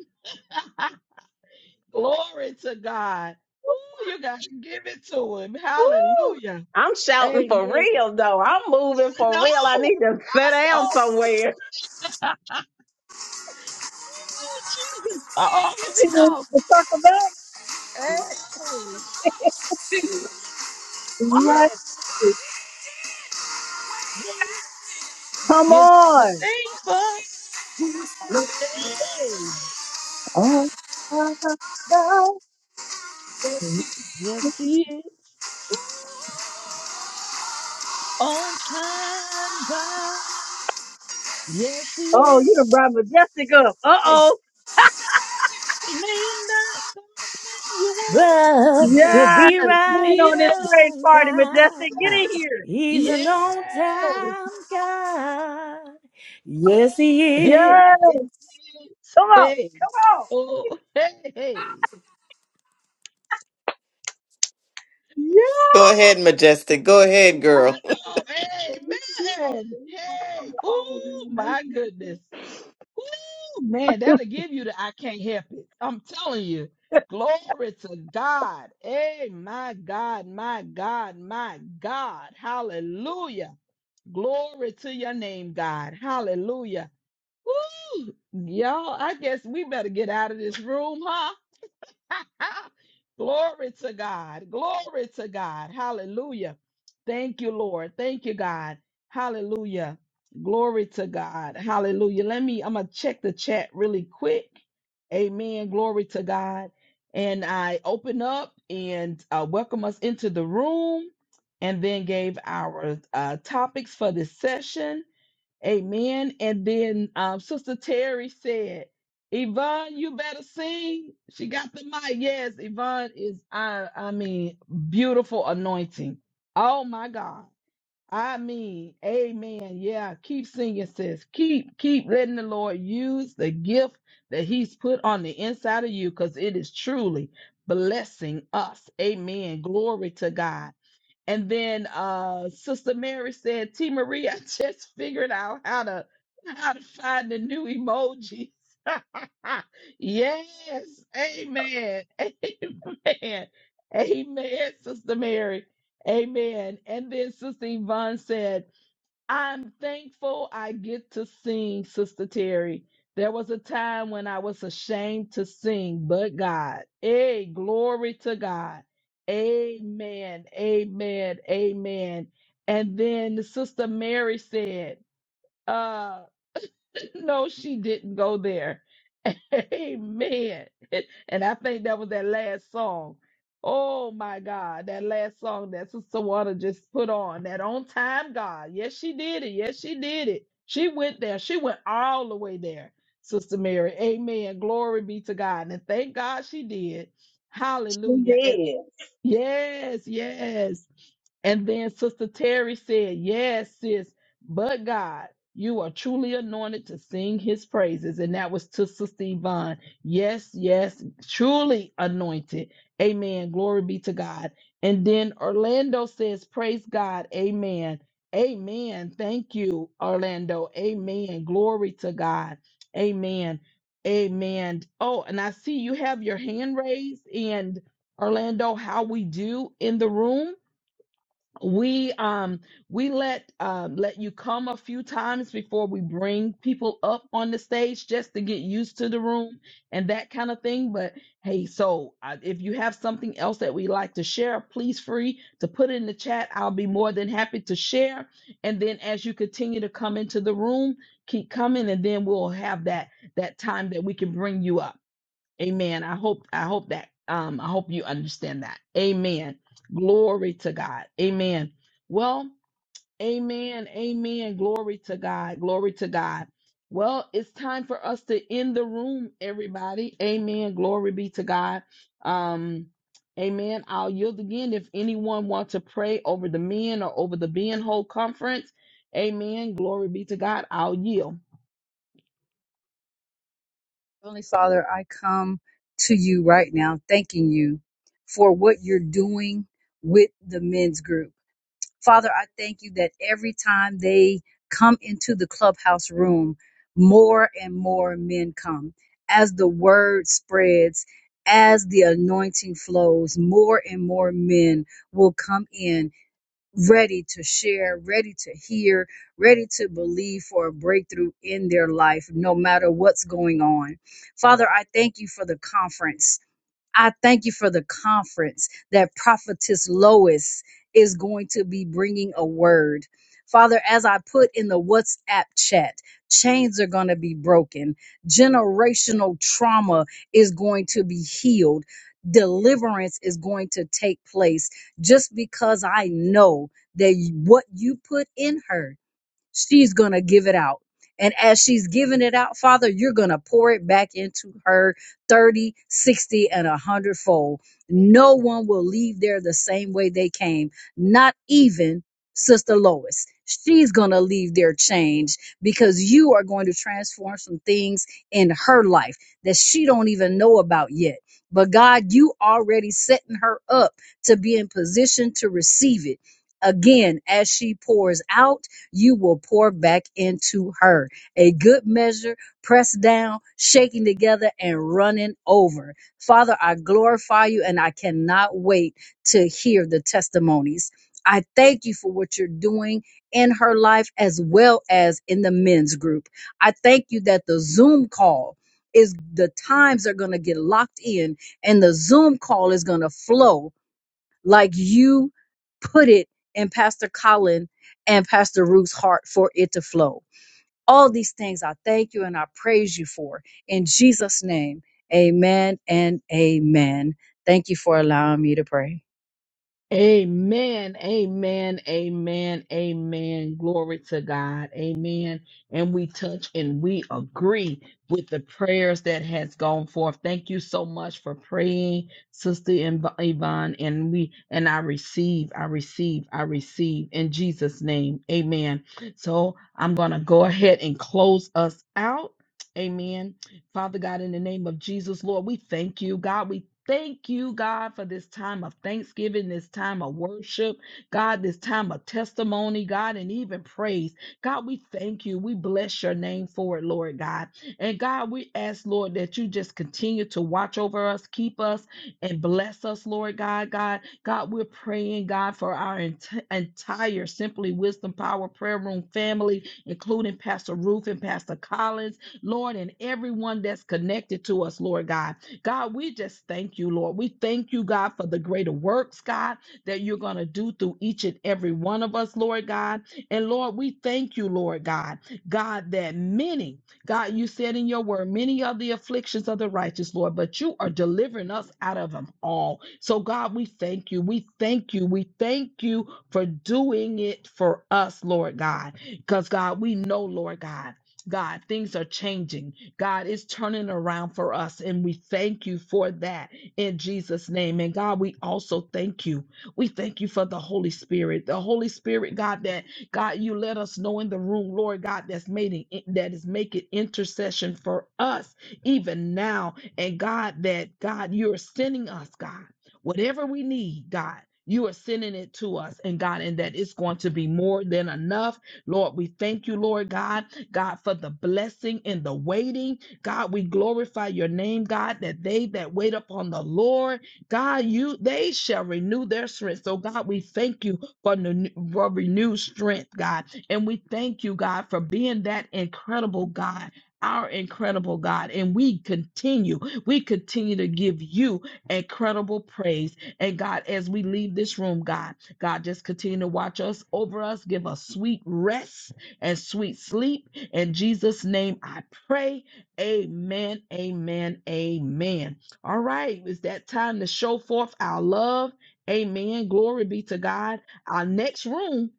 Speaker 1: *laughs* glory to God. Ooh, you got to give it to him.
Speaker 5: Woo!
Speaker 1: Hallelujah.
Speaker 5: I'm shouting for
Speaker 1: Amen.
Speaker 5: real, though. I'm moving
Speaker 1: I
Speaker 5: for real. I
Speaker 1: know.
Speaker 5: need to *laughs* sit
Speaker 1: I
Speaker 5: down
Speaker 1: know.
Speaker 5: somewhere.
Speaker 1: Ooh, Jesus. Oh, here we
Speaker 4: T. Marie.
Speaker 1: go.
Speaker 4: You can Circle back.
Speaker 1: Hey.
Speaker 4: You got
Speaker 1: Yes.
Speaker 4: to.
Speaker 1: We.
Speaker 4: Come
Speaker 1: He'll do the
Speaker 4: on.
Speaker 1: same for. Hey.
Speaker 4: Oh, oh
Speaker 1: Yes, he is. On time, God. Yes, he is.
Speaker 4: you done brought Majestic up.
Speaker 1: It
Speaker 4: Uh-oh.
Speaker 1: may not come when you want it,
Speaker 7: But he
Speaker 1: but
Speaker 7: will
Speaker 4: Yes.
Speaker 7: be
Speaker 1: he'll
Speaker 4: Get
Speaker 7: right
Speaker 4: in
Speaker 1: be
Speaker 4: on this
Speaker 7: there
Speaker 4: great
Speaker 7: on
Speaker 4: party,
Speaker 7: time.
Speaker 4: Majestic.
Speaker 1: there. right
Speaker 4: Get
Speaker 1: on time.
Speaker 4: in here.
Speaker 7: He's an on
Speaker 1: Yes.
Speaker 7: time God. Yes, He is.
Speaker 1: Hey,
Speaker 4: Yes.
Speaker 1: yes, yes.
Speaker 4: Come on.
Speaker 1: Hey,
Speaker 4: Come on.
Speaker 1: oh, hey, hey. Ooh,
Speaker 4: Yes.
Speaker 6: Go ahead, Majestic. Go ahead, girl.
Speaker 1: I know. hey, man, Hey, oh, my goodness. Ooh, man, that'll give you the I can't help it. I'm telling you. Glory to God. Hey, my God, my God, my God. Hallelujah. Glory to your name, God. Hallelujah. Ooh, y'all, I guess we better get out of this room, huh? *laughs* Glory to God. Glory to God. Hallelujah. Thank you, Lord. Thank you, God. Hallelujah. Glory to God. Hallelujah. Let me, I'm going to check the chat really quick. Amen. Glory to God. And I open up and uh, welcome us into the room and then gave our uh, topics for this session. Amen. And then um, Sister Terry said, Yvonne, you better sing. She got the mic. Yes, Yvonne is, I, I mean, beautiful anointing. Oh my God. I mean, amen. Yeah, keep singing, sis. Keep, keep letting the Lord use the gift that He's put on the inside of you because it is truly blessing us. Amen. Glory to God. And then uh, Sister Mary said, T Marie, *laughs* I just figured out how to how to find the new emojis. *laughs* yes. Amen. *laughs* Amen. Amen, Sister Mary. Amen. And then Sister Yvonne said, I'm thankful I get to sing, Sister Terry. There was a time when I was ashamed to sing, but God. Hey, glory to God. Amen. Amen. Amen. And then Sister Mary said, "Uh." *laughs* no, she didn't go there. *laughs* Amen. And I think that was that last song. Oh my God, that last song that Sister Wanda just put on, that on time God. Yes, she did it. Yes, she did it. She went there. She went all the way there, Sister Mary. Amen. Glory be to God. And thank God she did.
Speaker 5: She
Speaker 1: Hallelujah. And.
Speaker 5: did.
Speaker 1: Yes, yes. And then Sister Terry said, Yes, sis, but God, you are truly anointed to sing his praises. And that was to Sister Yvonne. Yes, yes, truly anointed. Amen. Glory be to God. And then Orlando says, Praise God. Amen. Amen. Thank you, Orlando. Amen. Glory to God. Amen. Amen. Oh, and I see you have your hand raised. and. Orlando, how we do in the room. We um we let um let you come a few times before we bring people up on the stage just to get used to the room and that kind of thing. But hey, so uh, if you have something else that we like to share, please free to put in the chat. I'll be more than happy to share. And then as you continue to come into the room, keep coming, and then we'll have that that time that we can bring you up. Amen. I hope I hope that um I hope you understand that. Amen. Glory to God. Amen. Well, amen. Amen. Glory to God. Glory to God. Well, it's time for us to end the room, everybody. Amen. Glory be to God. Um Amen. I'll yield again if anyone wants to pray over the men or over the being whole conference. Amen. Glory be to God. I'll yield.
Speaker 4: Heavenly Father, I come to you right now, thanking you for what you're doing with the men's group. Father, I thank you that every time they come into the clubhouse room, more and more men come. As the word spreads, as the anointing flows, more and more men will come in ready to share, ready to hear, ready to believe for a breakthrough in their life, no matter what's going on. Father, I thank you for the conference. I thank you for the conference that Prophetess Lois is going to be bringing a word. Father, as I put in the WhatsApp chat, chains are going to be broken. Generational trauma is going to be healed. Deliverance is going to take place just because I know that what you put in her she's going to give it out. And as she's giving it out, Father, you're going to pour it back into her 30, 60, and 100 fold. No one will leave there the same way they came, not even Sister Lois. She's going to leave there changed because you are going to transform some things in her life that she don't even know about yet. But God, you already setting her up to be in position to receive it again as she pours out you will pour back into her. A good measure, pressed down, shaking together, and running over. Father, I glorify you and I cannot wait to hear the testimonies. I thank you for what you're doing in her life as well as in the men's group. I thank you that the Zoom call is the times are going to get locked in and the Zoom call is going to flow like you put it in Pastor Colin and Pastor Ruth's heart for it to flow. All these things I thank you and I praise you for. In Jesus' name, amen and amen. Thank you for allowing me to pray.
Speaker 1: Amen, amen, amen, amen. Glory to God. Amen. And we touch and we agree with the prayers that has gone forth. Thank you so much for praying, Sister Yv- Yvonne. And we and I receive, I receive, I receive in Jesus' name. Amen. So I'm gonna go ahead and close us out. Amen. Father God, in the name of Jesus, Lord, we thank you, God. We thank you, God, for this time of thanksgiving, this time of worship, God, this time of testimony, God, and even praise. God, we thank you. We bless your name for it, Lord God. And God, we ask, Lord, that you just continue to watch over us, keep us, and bless us, Lord God. God, God, we're praying, God, for our ent- entire Simply Wisdom Power Prayer Room family, including Pastor Ruth and Pastor Collins. Lord, and everyone that's connected to us, Lord God. God, we just thank you, Lord. We thank you, God, for the greater works, God, that you're going to do through each and every one of us, Lord God. And Lord, we thank you, Lord God, God, that many, God, you said in your word, many are the afflictions of the righteous, Lord, but you are delivering us out of them all. So, God, we thank you. We thank you. We thank you for doing it for us, Lord God. Because, God, we know, Lord God. God, things are changing. God is turning around for us, and we thank you for that in Jesus' name. And God, we also thank you. We thank you for the Holy Spirit. The Holy Spirit, God, that God, you let us know in the room, Lord God, that's making that is making intercession for us even now. And God, that God, you're sending us, God, whatever we need, God. You are sending it to us, and God, and that it's going to be more than enough. Lord, we thank you, Lord God. God, for the blessing and the waiting. God, we glorify your name, God, that they that wait upon the Lord, God, you they shall renew their strength. So, God, we thank you for, the, for renewed strength, God. And we thank you, God, for being that incredible God. Our incredible God, and we continue, we continue to give you incredible praise. And God, as we leave this room, God, God, just continue to watch us over us, give us sweet rest and sweet sleep. In Jesus' name I pray. Amen, amen, amen. All right, it's that time to show forth our love. Amen. Glory be to God. Our next room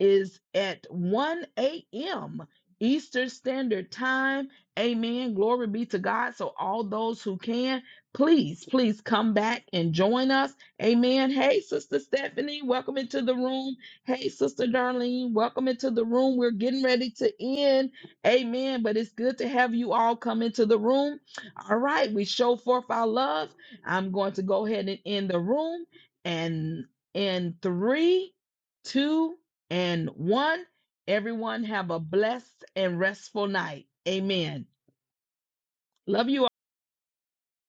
Speaker 1: is at 1 a.m. Eastern Standard Time. Amen. Glory be to God. So, all those who can, please, please come back and join us. Amen. Hey, Sister Stephanie, welcome into the room. Hey, Sister Darlene, welcome into the room. We're getting ready to end. Amen. But it's good to have you all come into the room. All right, we show forth our love. I'm going to go ahead and end the room. And in three, two, and one, everyone have a blessed and restful night. Amen. Love you all.